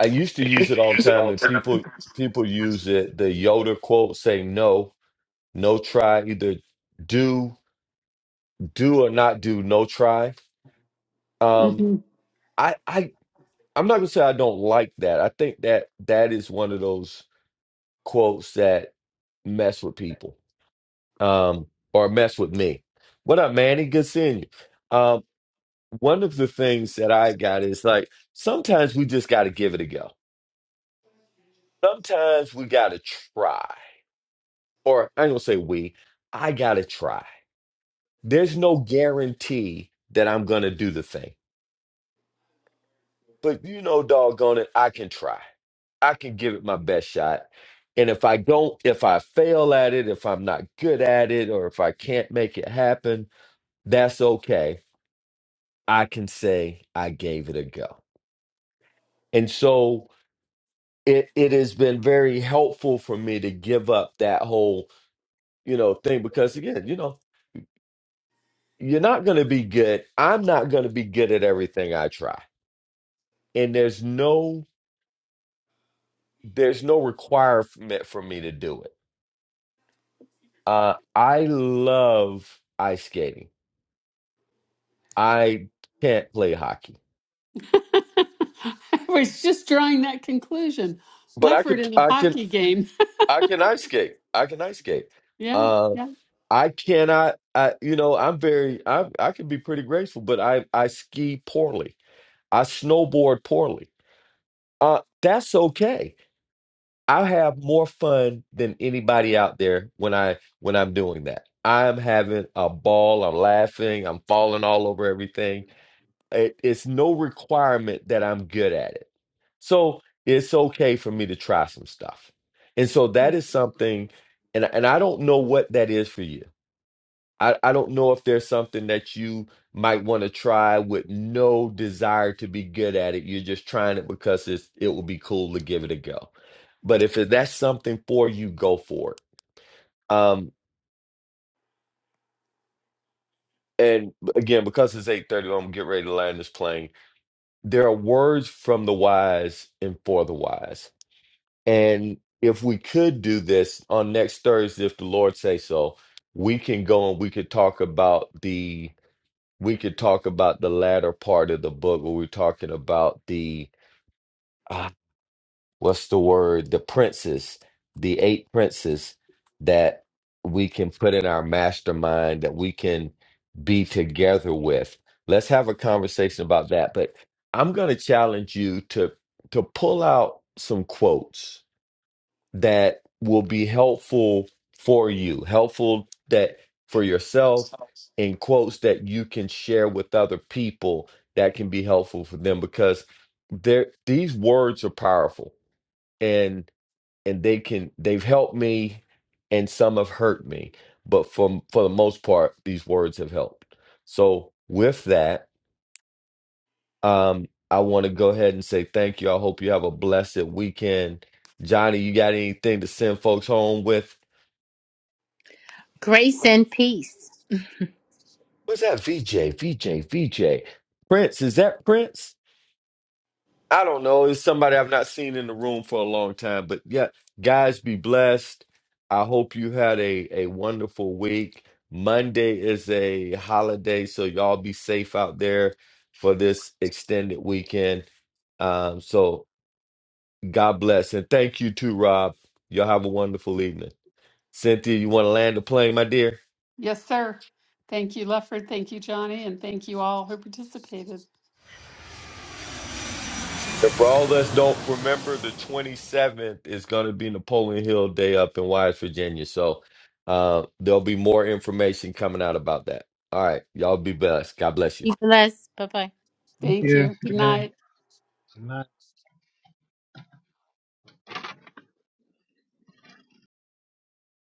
I used to use it all the time, and people people use it. The Yoda quote "Say no, no try, either do do or not do, no try. Um, Mm-hmm. I I I'm not gonna say I don't like that. I think that that is one of those quotes that mess with people um, or mess with me. What up, Manny? Good seeing you. Um, one of the things that I got is like sometimes we just got to give it a go. Sometimes we got to try, or I ain't gonna say we. I got to try. There's no guarantee that I'm gonna do the thing, but you know, doggone it, I can try. I can give it my best shot. And if I don't, if I fail at it, if I'm not good at it, or if I can't make it happen, that's okay I can say I gave it a go. And so it it has been very helpful for me to give up that whole, you know, thing because again, you know, you're not going to be good. I'm not going to be good at everything I try. And there's no there's no requirement for me to do it. Uh I love ice skating. I can't play hockey, *laughs* I was just drawing that conclusion. but I Lefford could in a I can hockey game. *laughs* I can ice skate. I can ice skate. Yeah, Uh, yeah. I cannot. I you know I'm very I I can be pretty grateful, but I I ski poorly. I snowboard poorly. Uh, that's okay. I have more fun than anybody out there when I when I'm doing that. I'm having a ball. I'm laughing. I'm falling all over everything. It, it's no requirement that I'm good at it. So it's okay for me to try some stuff. And so that is something, and and I don't know what that is for you I, I don't know if there's something that you might want to try with no desire to be good at it. You're just trying it because it's it will be cool to give it a go. But if it- that's something for you, go for it. Um, and again, because it's 8:30, I'm gonna get ready to land this plane. There are words from the wise and for the wise. And if we could do this on next Thursday, if the Lord say so, we can go and we could talk about the we could talk about the latter part of the book where we're talking about the uh, what's the word the princes the eight princes that we can put in our mastermind that we can be together with let's have a conversation about that but i'm going to challenge you to to pull out some quotes that will be helpful for you, helpful that for yourself, and quotes that you can share with other people that can be helpful for them because there these words are powerful and and they can they've helped me and some have hurt me but for for the most part these words have helped so with that um i want to go ahead and say thank you i hope you have a blessed weekend johnny you got anything to send folks home with Grace and peace. What's that? VJ, VJ, VJ. Prince, is that Prince? I don't know. It's somebody I've not seen in the room for a long time. But yeah, guys, be blessed. I hope you had a, a wonderful week. Monday is a holiday, so y'all be safe out there for this extended weekend. Um, so God bless. And thank you too, Rob. Y'all have a wonderful evening. Cynthia, you want to land the plane, my dear? Yes, sir. Thank you, Lefford. Thank you, Johnny. And thank you all who participated. And for all of us don't remember, the 27th is going to be Napoleon Hill Day up in Wise, Virginia. So uh, there'll be more information coming out about that. All right. Y'all be blessed. God bless you. Be blessed. Bye bye. Thank Thank you. you. Good Good night. night.